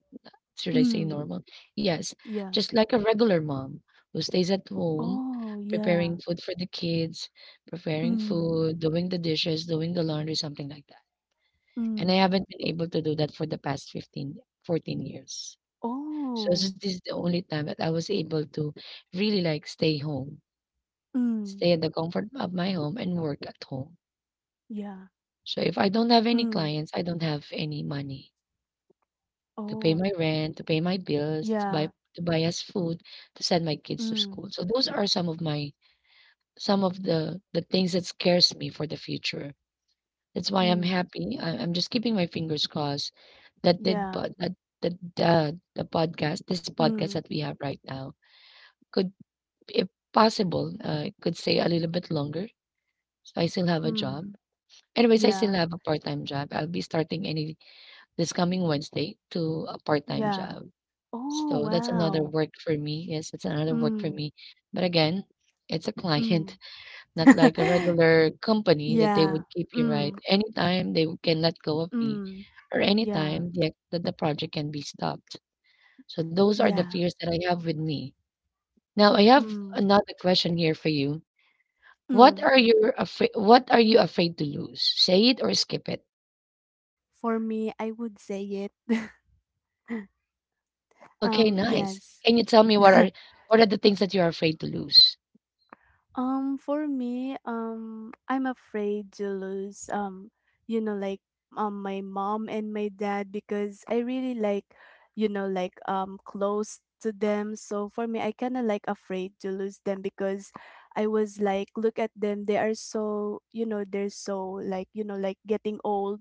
Speaker 1: Should I say
Speaker 2: Mm.
Speaker 1: normal? Yes,
Speaker 2: Yeah.
Speaker 1: just like a regular mom who stays at home,
Speaker 2: Oh, yeah.
Speaker 1: preparing food for the kids, preparing
Speaker 2: Mm.
Speaker 1: food, doing the dishes, doing the laundry, something like that. And I
Speaker 2: Mm.
Speaker 1: haven't been able to do that for the past 15 14 years. So this
Speaker 2: Oh.
Speaker 1: is this is the only time that I was able to really, like, stay home,
Speaker 2: Mm.
Speaker 1: stay in the comfort of my home and work at home.
Speaker 2: Yeah.
Speaker 1: So if I don't have any
Speaker 2: Mm.
Speaker 1: clients, I don't have any money to pay
Speaker 2: Oh.
Speaker 1: my rent, to pay my bills,
Speaker 2: Yeah.
Speaker 1: to buy us food, to send my kids to
Speaker 2: Mm.
Speaker 1: school. So those are some of my some of the things that scares me for the future. That's why I'm
Speaker 2: Mm.
Speaker 1: happy. I'm just keeping my fingers crossed that
Speaker 2: Yeah.
Speaker 1: the, the the podcast, this podcast
Speaker 2: Mm.
Speaker 1: that we have right now, could, if possible, could stay a little bit longer. So I still have a
Speaker 2: Mm.
Speaker 1: job. Anyways, I still
Speaker 2: Yeah.
Speaker 1: have a part time job. I'll be starting any this coming Wednesday to a part time
Speaker 2: Yeah.
Speaker 1: job.
Speaker 2: Oh,
Speaker 1: So that's another
Speaker 2: wow.
Speaker 1: work for me. Yes, it's another work for
Speaker 2: Mm.
Speaker 1: me. But again, it's a
Speaker 2: Mm.
Speaker 1: client, not like a regular company that they
Speaker 2: Yeah.
Speaker 1: would keep you, right.
Speaker 2: Mm.
Speaker 1: Anytime they can let go of me,
Speaker 2: Mm.
Speaker 1: or
Speaker 2: Yeah.
Speaker 1: anytime the project can be stopped. So those are the
Speaker 2: Yeah.
Speaker 1: fears that I have with me. Now I have
Speaker 2: Mm.
Speaker 1: another question here for you. What
Speaker 2: Mm.
Speaker 1: are you afraid? What are you afraid to lose? Say it or skip it.
Speaker 2: For me, I would say it.
Speaker 1: Oh, okay, nice.
Speaker 2: Yes.
Speaker 1: Can you tell me what are the things that you are afraid to lose?
Speaker 2: For me I'm afraid to lose you know like my mom and my dad because I really like you know like close to them so for me I kind of like afraid to lose them because I was like look at them they are so you know they're so like you know like getting old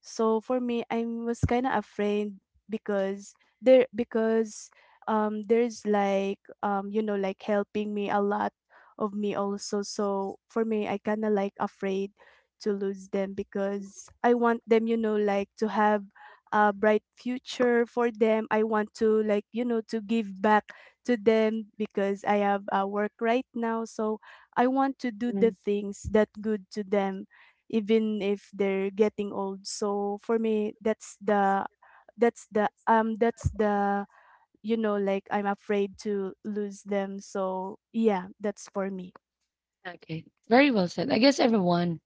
Speaker 2: so for me I was kind of afraid because they're because there's like you know like helping me a lot of me also so for me I kind of like afraid to lose them because I want them you know like to have a bright future for them I want to like you know to give back to them because I have work right now so I want to do the things that good to them even if they're getting old so for me that's the you know like I'm afraid to lose them so yeah that's for me.
Speaker 1: Okay. Very well said. I guess everyone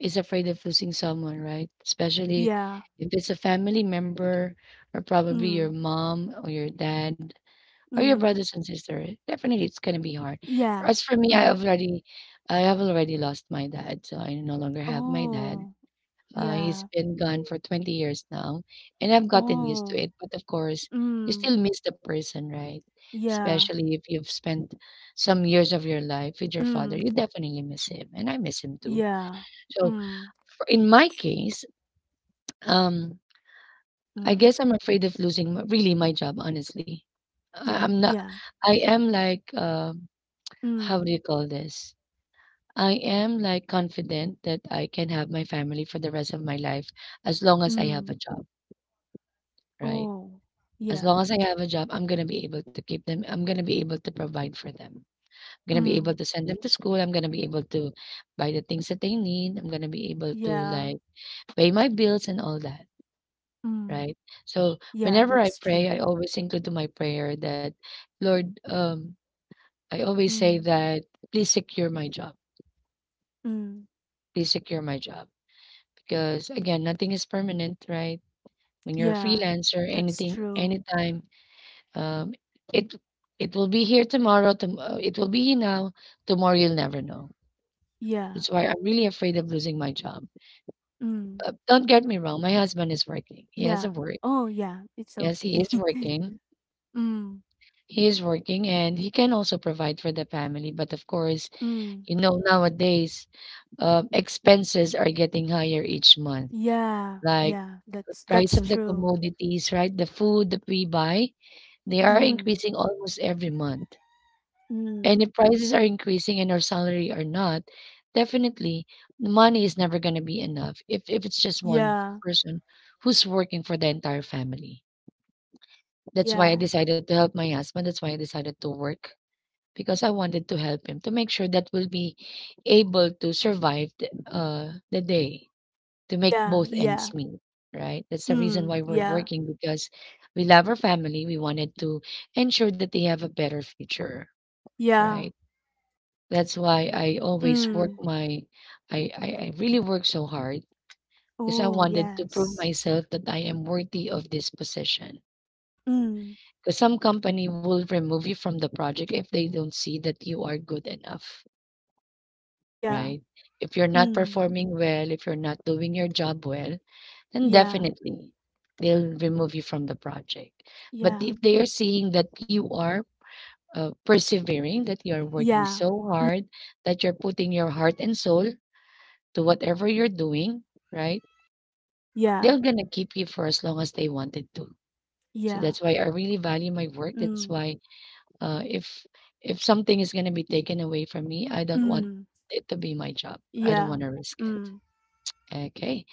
Speaker 1: is afraid of losing someone, right? Especially
Speaker 2: Yeah.
Speaker 1: if it's a family member or probably your
Speaker 2: Mm,
Speaker 1: mom or your dad or your
Speaker 2: mm.
Speaker 1: brothers and sisters. Definitely it's gonna be hard.
Speaker 2: Yeah.
Speaker 1: As for me,
Speaker 2: Mm.
Speaker 1: I have already lost my dad, so I no longer have my dad.
Speaker 2: Oh,
Speaker 1: He's
Speaker 2: yeah.
Speaker 1: been gone for 20 years now, and I've gotten used to
Speaker 2: Oh.
Speaker 1: it. But of course, you
Speaker 2: Mm.
Speaker 1: still miss the person, right?
Speaker 2: Yeah.
Speaker 1: Especially if you've spent some years of your life with your father,
Speaker 2: Mm.
Speaker 1: you definitely miss him, and I miss him too.
Speaker 2: Yeah.
Speaker 1: So,
Speaker 2: Mm.
Speaker 1: in my case, um, I
Speaker 2: Mm.
Speaker 1: guess I'm afraid of losing really my job. Honestly, I'm
Speaker 2: Oh,
Speaker 1: not.
Speaker 2: yeah.
Speaker 1: I am like, um, how
Speaker 2: Mm.
Speaker 1: do you call this? I am like confident that I can have my family for the rest of my life as long as I
Speaker 2: Mm.
Speaker 1: have a job, right?
Speaker 2: Oh.
Speaker 1: As
Speaker 2: Yeah.
Speaker 1: long as I have a job, I'm gonna be able to keep them, I'm gonna be able to provide for them. I'm gonna be able
Speaker 2: Mm.
Speaker 1: to send them to school, I'm gonna be able to buy the things that they need, I'm gonna be able to,
Speaker 2: Yeah.
Speaker 1: like, pay my bills and all that,
Speaker 2: Mm.
Speaker 1: right? So,
Speaker 2: Yeah,
Speaker 1: whenever I
Speaker 2: that's
Speaker 1: pray,
Speaker 2: true.
Speaker 1: I always include to my prayer that, "Lord," I always say
Speaker 2: Mm.
Speaker 1: that, "Please secure my job,
Speaker 2: Mm.
Speaker 1: please secure my job." Because, again, nothing is permanent, right? When you're a
Speaker 2: Yeah.
Speaker 1: freelancer,
Speaker 2: That's
Speaker 1: anything,
Speaker 2: true.
Speaker 1: anytime. Um, it it will be here tomorrow. It will be here now. Tomorrow you'll never know.
Speaker 2: Yeah.
Speaker 1: That's why I'm really afraid of losing my job.
Speaker 2: Mm.
Speaker 1: Don't get me wrong. My husband is working. He has
Speaker 2: Yeah.
Speaker 1: a work.
Speaker 2: Oh, yeah. It's
Speaker 1: Yes, he
Speaker 2: okay.
Speaker 1: is working.
Speaker 2: Mm.
Speaker 1: He is working, and he can also provide for the family. But of course,
Speaker 2: Mm.
Speaker 1: you know nowadays, expenses are getting higher each month.
Speaker 2: Yeah,
Speaker 1: Like
Speaker 2: yeah,
Speaker 1: the
Speaker 2: that's
Speaker 1: price of the
Speaker 2: true.
Speaker 1: commodities, right? The food that we buy, they are
Speaker 2: Mm,
Speaker 1: increasing almost every month.
Speaker 2: mm,
Speaker 1: And if prices are increasing and our salary are not, definitely the money is never going to be enough if it's just one
Speaker 2: yeah,
Speaker 1: person who's working for the entire family. That's why I
Speaker 2: yeah,
Speaker 1: decided to help my husband. That's why I decided to work because I wanted to help him to make sure that we'll be able to survive the day, to make
Speaker 2: yeah,
Speaker 1: both ends
Speaker 2: yeah,
Speaker 1: meet. Right. That's the reason
Speaker 2: mm,
Speaker 1: why we're
Speaker 2: yeah,
Speaker 1: working, because we love our family. We wanted to ensure that they have a better future.
Speaker 2: yeah,
Speaker 1: Right. That's why I always work
Speaker 2: mm.
Speaker 1: my I really work so hard because I
Speaker 2: Oh,
Speaker 1: wanted to prove
Speaker 2: yes.
Speaker 1: myself that I am worthy of this position.
Speaker 2: Mm,
Speaker 1: Because some company will remove you from the project if they don't see that you are good enough,
Speaker 2: yeah,
Speaker 1: right? If you're not
Speaker 2: mm,
Speaker 1: performing well, if you're not doing your job well, then
Speaker 2: yeah,
Speaker 1: definitely they'll remove you from the project. But
Speaker 2: yeah,
Speaker 1: if they are seeing that you are persevering, that you are working
Speaker 2: yeah,
Speaker 1: so hard, that you're putting your heart and soul to whatever you're doing, right?
Speaker 2: yeah,
Speaker 1: They're gonna keep you for as long as they wanted to. So
Speaker 2: yeah,
Speaker 1: that's why I really value my work. That's
Speaker 2: mm,
Speaker 1: why uh, if if something is gonna be taken away from me, I don't want
Speaker 2: mm,
Speaker 1: it to be my job. I don't
Speaker 2: yeah,
Speaker 1: want to risk it.
Speaker 2: mm,
Speaker 1: Okay.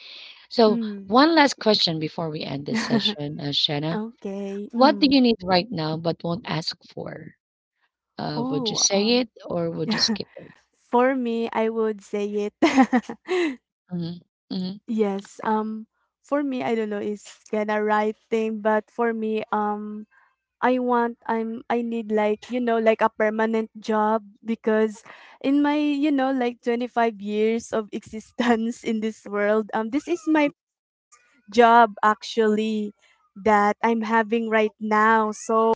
Speaker 1: So,
Speaker 2: mm.
Speaker 1: one last question before we end this session, Shanna.
Speaker 2: Okay,
Speaker 1: What do
Speaker 2: mm.
Speaker 1: you need right now but won't ask for? Would you
Speaker 2: Oh,
Speaker 1: say it or would you skip it?
Speaker 2: for me, I would say it.
Speaker 1: Mm-hmm. Hmm.
Speaker 2: Yes, for me, I don't know, it's kinda right thing, but for me, I need like, you know, like a permanent job because in my, you know, like 25 years of existence, in this world, this is my job actually that I'm having right now. So,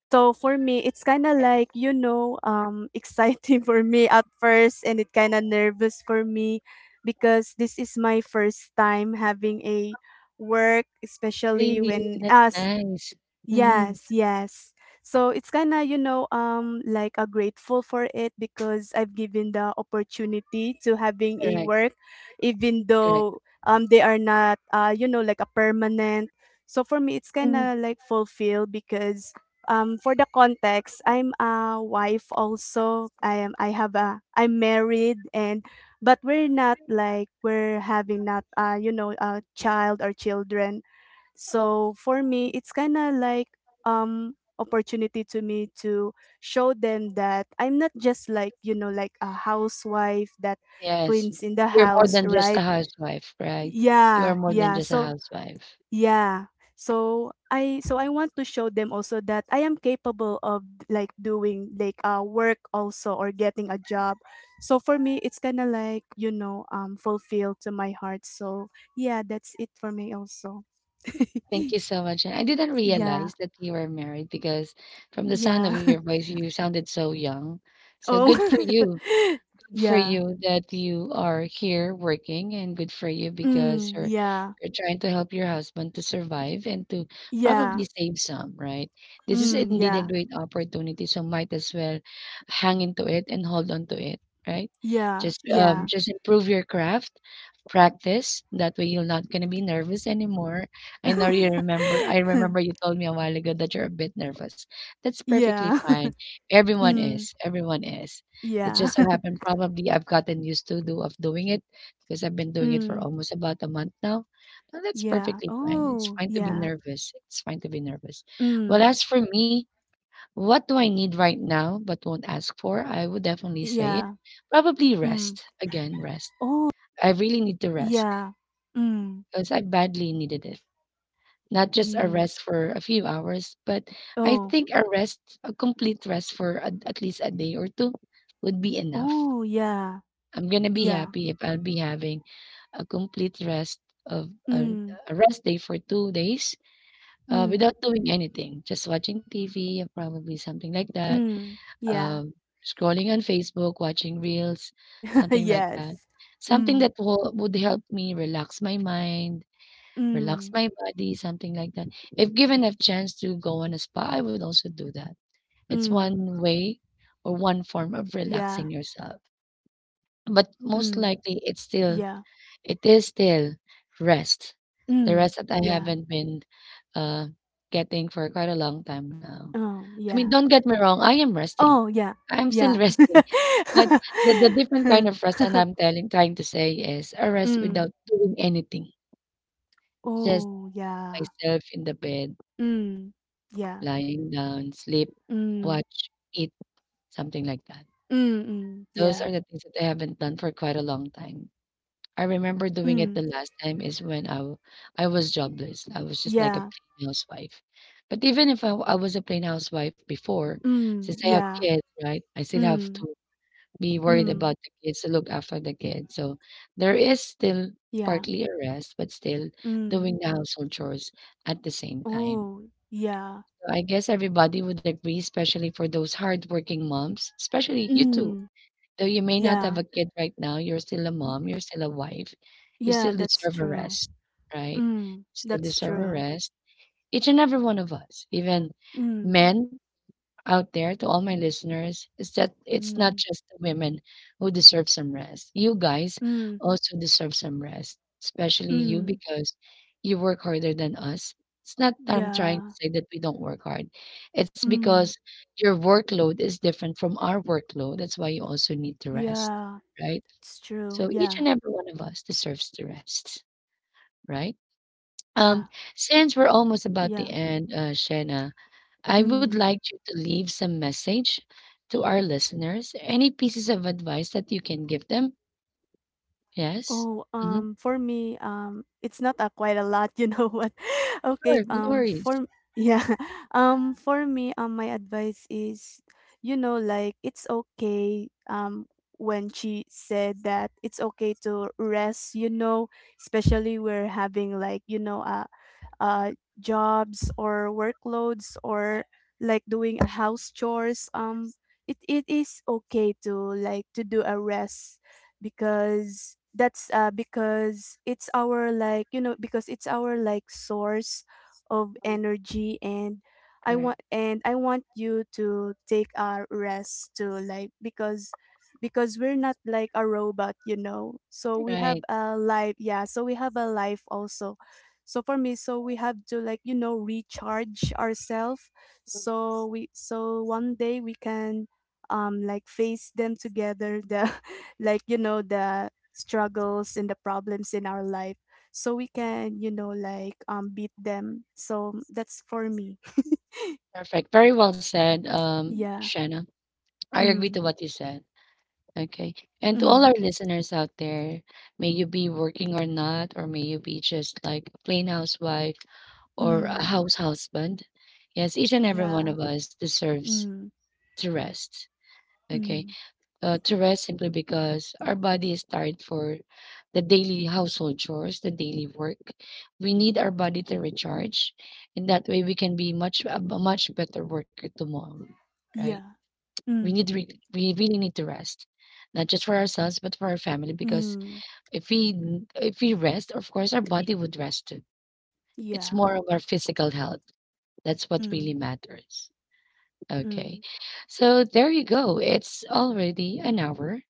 Speaker 2: so for me, it's kind of
Speaker 1: Yes.
Speaker 2: like, you know, exciting, for me at first and it kind of nervous for me because this is my first time having a work, especially
Speaker 1: Really,
Speaker 2: when
Speaker 1: that's
Speaker 2: as
Speaker 1: nice. Mm-hmm.
Speaker 2: yes, yes. So it's kind of, you know, like a grateful for it because I've given the opportunity to having a
Speaker 1: Correct.
Speaker 2: work even
Speaker 1: Correct.
Speaker 2: though they are not you know like a permanent. So for me it's kind of like fulfilled because for the context I'm a wife also. I am I have a I'm married and but we're not like we're having not you know a child or children so for me, it's kind of like opportunity to me to show them that I'm not just like, you know, like a housewife that
Speaker 1: Yes.
Speaker 2: cleans in the
Speaker 1: You're more
Speaker 2: house,
Speaker 1: than just a
Speaker 2: right?
Speaker 1: housewife, right? You are
Speaker 2: Yeah,
Speaker 1: more than
Speaker 2: yeah.
Speaker 1: just a
Speaker 2: So,
Speaker 1: housewife.
Speaker 2: yeah. So I want to show them also that I am capable of like doing like work also or getting a job. So for me it's kind of like, you know, fulfilled to my heart. So yeah, that's it for me also.
Speaker 1: Thank you so much. And I didn't
Speaker 2: Yeah.
Speaker 1: realize that you were married because from the sound of
Speaker 2: Yeah.
Speaker 1: your voice, you sounded so young. So good for
Speaker 2: Oh.
Speaker 1: you. Good for
Speaker 2: Yeah.
Speaker 1: you that you are here working, and good for you because
Speaker 2: Mm, yeah.
Speaker 1: you're trying to help your husband to survive and to probably
Speaker 2: Yeah.
Speaker 1: save some, right? This is
Speaker 2: Mm,
Speaker 1: indeed a
Speaker 2: yeah.
Speaker 1: great opportunity, so might as well hang into it and hold on to it, right?
Speaker 2: Yeah. Yeah.
Speaker 1: Just improve your craft, practice. That way you're not gonna be nervous anymore. I remember you told me a while ago that you're a bit nervous. That's perfectly
Speaker 2: Yeah.
Speaker 1: fine. Everyone
Speaker 2: Mm,
Speaker 1: is. Everyone is. It
Speaker 2: yeah.
Speaker 1: just so happened probably I've gotten used to do of doing it because I've been doing it for
Speaker 2: Mm,
Speaker 1: almost about a month now. And that's
Speaker 2: yeah.
Speaker 1: perfectly fine. It's
Speaker 2: Oh,
Speaker 1: fine to be
Speaker 2: yeah.
Speaker 1: nervous. It's fine to be nervous. Well,
Speaker 2: Mm,
Speaker 1: as for me, what do I need right now but won't ask for? I would definitely say it.
Speaker 2: yeah.
Speaker 1: Probably
Speaker 2: Mm.
Speaker 1: rest. Again, rest.
Speaker 2: Oh,
Speaker 1: I really need to rest
Speaker 2: yeah. Mm,
Speaker 1: because I badly needed it. Not just a
Speaker 2: yeah.
Speaker 1: rest for a few hours, but I
Speaker 2: Oh.
Speaker 1: think a rest, a complete rest for a, at least a day or two would be enough.
Speaker 2: Oh, yeah.
Speaker 1: I'm gonna be
Speaker 2: Yeah.
Speaker 1: happy if I'll be having a complete rest of
Speaker 2: Mm,
Speaker 1: a rest day for 2 days,
Speaker 2: mm,
Speaker 1: without doing anything, just watching TV, probably something like that,
Speaker 2: mm. Yeah.
Speaker 1: um, scrolling on Facebook, watching reels, something like that.
Speaker 2: Yes.
Speaker 1: Something
Speaker 2: Mm,
Speaker 1: that would help me relax my mind, relax
Speaker 2: mm,
Speaker 1: my body, something like that. If given a chance to go on a spa, I would also do that. It's
Speaker 2: mm.
Speaker 1: one way or one form of
Speaker 2: Yeah.
Speaker 1: relaxing yourself. But most
Speaker 2: Mm,
Speaker 1: likely, it's still
Speaker 2: yeah.
Speaker 1: it is still rest. The
Speaker 2: Mm,
Speaker 1: rest that I
Speaker 2: yeah.
Speaker 1: haven't been uh, getting for quite a long time now.
Speaker 2: Oh,
Speaker 1: I mean,
Speaker 2: yeah.
Speaker 1: don't get me wrong, I am resting.
Speaker 2: Oh, yeah.
Speaker 1: I'm still
Speaker 2: Yeah.
Speaker 1: resting. But the different kind of rest and I'm telling trying to say is a rest
Speaker 2: Mm.
Speaker 1: without doing anything. Just
Speaker 2: Oh, yeah.
Speaker 1: myself in the bed,
Speaker 2: Mm. Yeah.
Speaker 1: lying down, sleep,
Speaker 2: Mm.
Speaker 1: watch, eat, something like that.
Speaker 2: Mm, mm,
Speaker 1: Those
Speaker 2: yeah.
Speaker 1: are the things that I haven't done for quite a long time. I remember doing it the
Speaker 2: Mm.
Speaker 1: last time is when I was jobless. I was just like a
Speaker 2: Yeah.
Speaker 1: plain housewife. But even if I was a plain housewife before, since
Speaker 2: Mm,
Speaker 1: I have
Speaker 2: yeah.
Speaker 1: kids, right? I still have
Speaker 2: Mm.
Speaker 1: to be worried
Speaker 2: Mm.
Speaker 1: about the kids to look after the kids. So there is still
Speaker 2: Yeah.
Speaker 1: partly a rest, but still
Speaker 2: Mm.
Speaker 1: doing the household chores at the same time.
Speaker 2: Oh, yeah.
Speaker 1: So I guess everybody would agree, especially for those hardworking moms, especially you too.
Speaker 2: Mm.
Speaker 1: Though you may not have
Speaker 2: Yeah.
Speaker 1: a kid right now, you're still a
Speaker 2: Y-
Speaker 1: mom, you're still a wife, you
Speaker 2: Yeah,
Speaker 1: still
Speaker 2: that's
Speaker 1: deserve a
Speaker 2: true.
Speaker 1: rest, right?
Speaker 2: Mm.
Speaker 1: Still
Speaker 2: That's
Speaker 1: deserve a
Speaker 2: true.
Speaker 1: rest. Each and every one of us, even
Speaker 2: Mm.
Speaker 1: men out there, to all my listeners, is that it's not
Speaker 2: Mm.
Speaker 1: just the women who deserve some rest. You guys
Speaker 2: Mm.
Speaker 1: also deserve some rest, especially you,
Speaker 2: Mm.
Speaker 1: because you work harder than us. It's not that I'm trying to
Speaker 2: Yeah.
Speaker 1: say that we don't work hard. It's
Speaker 2: Mm,
Speaker 1: because your workload is different from our workload. That's why you also need to rest,
Speaker 2: yeah,
Speaker 1: right?
Speaker 2: it's true.
Speaker 1: So each
Speaker 2: Yeah,
Speaker 1: and every one of us deserves to rest, right?
Speaker 2: yeah,
Speaker 1: Um, since we're almost about the
Speaker 2: yeah.
Speaker 1: end, Shena, I would
Speaker 2: Mm.
Speaker 1: like you to leave some message to our listeners. Any pieces of advice that you can give them? Yes?
Speaker 2: Oh,
Speaker 1: Hmm.
Speaker 2: for me, it's not a quite a lot, you know what? Okay,
Speaker 1: Sure, no worries.
Speaker 2: for yeah, for me, my advice is, you know, like it's okay, when she said that it's okay to rest, you know, especially we're having like, you know, uh, jobs or workloads or like doing a house chores it is okay to like to do a rest because that's because it's our like you know because it's our like source of energy and
Speaker 1: Correct.
Speaker 2: I want you to take a rest too like because we're not like a robot you know so we have
Speaker 1: Right.
Speaker 2: a life yeah so we have a life also so for me so we have to like you know recharge ourselves so we so one day we can like face them together the like you know the struggles and the problems in our life so we can you know like beat them so that's for me.
Speaker 1: Perfect. Very well said,
Speaker 2: Yeah
Speaker 1: Shanna. I agree
Speaker 2: mm
Speaker 1: to what you said. Okay. And to all
Speaker 2: mm
Speaker 1: our listeners out there, may you be working or not, or may you be just like a plain housewife or a
Speaker 2: mm
Speaker 1: house husband. Yes, each and every one
Speaker 2: yeah
Speaker 1: of us deserves
Speaker 2: mm
Speaker 1: to rest. Okay.
Speaker 2: mm
Speaker 1: Uh, to
Speaker 2: yeah
Speaker 1: rest simply because our body is tired for the daily household chores, the daily work. We need our body to recharge, and that way we can be much better worker tomorrow, right?
Speaker 2: yeah mm
Speaker 1: We really need to rest, not just for ourselves but for our family. Because
Speaker 2: mm
Speaker 1: if we rest, of course, our body would rest too. It's
Speaker 2: yeah
Speaker 1: more of our physical health. That's what really
Speaker 2: mm
Speaker 1: matters. Okay.
Speaker 2: mm
Speaker 1: So there you go. It's already an hour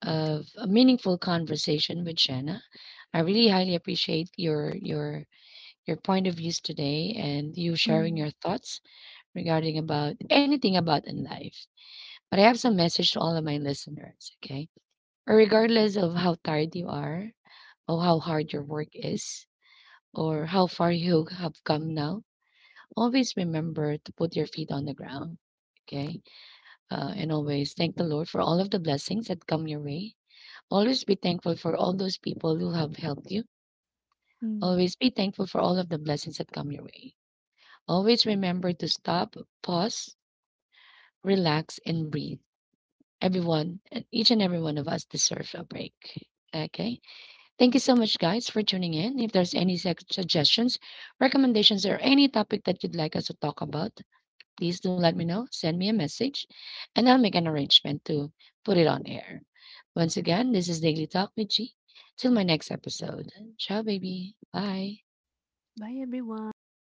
Speaker 1: of a meaningful conversation with Shanna. I really highly appreciate your point of views today, and you sharing
Speaker 2: mm
Speaker 1: your thoughts regarding about anything about in life. But I have some message to all of my listeners, okay? or Regardless of how tired you are, or how hard your work is, or how far you have come now, always remember to put your feet on the ground, okay? And always thank the Lord for all of the blessings that come your way. Always be thankful for all those people who have helped you.
Speaker 2: mm.
Speaker 1: Always be thankful for all of the blessings that come your way. Always remember to stop, pause, relax, and breathe. Everyone, and each and every one of us deserve a break. Okay. Thank you so much, guys, for tuning in. If there's suggestions, recommendations, or any topic that you'd like us to talk about, please do let me know. Send me a message, and I'll make an arrangement to put it on air. Once again, this is Daily Talk with G. Till my next episode. Ciao, baby. Bye.
Speaker 2: Bye, everyone.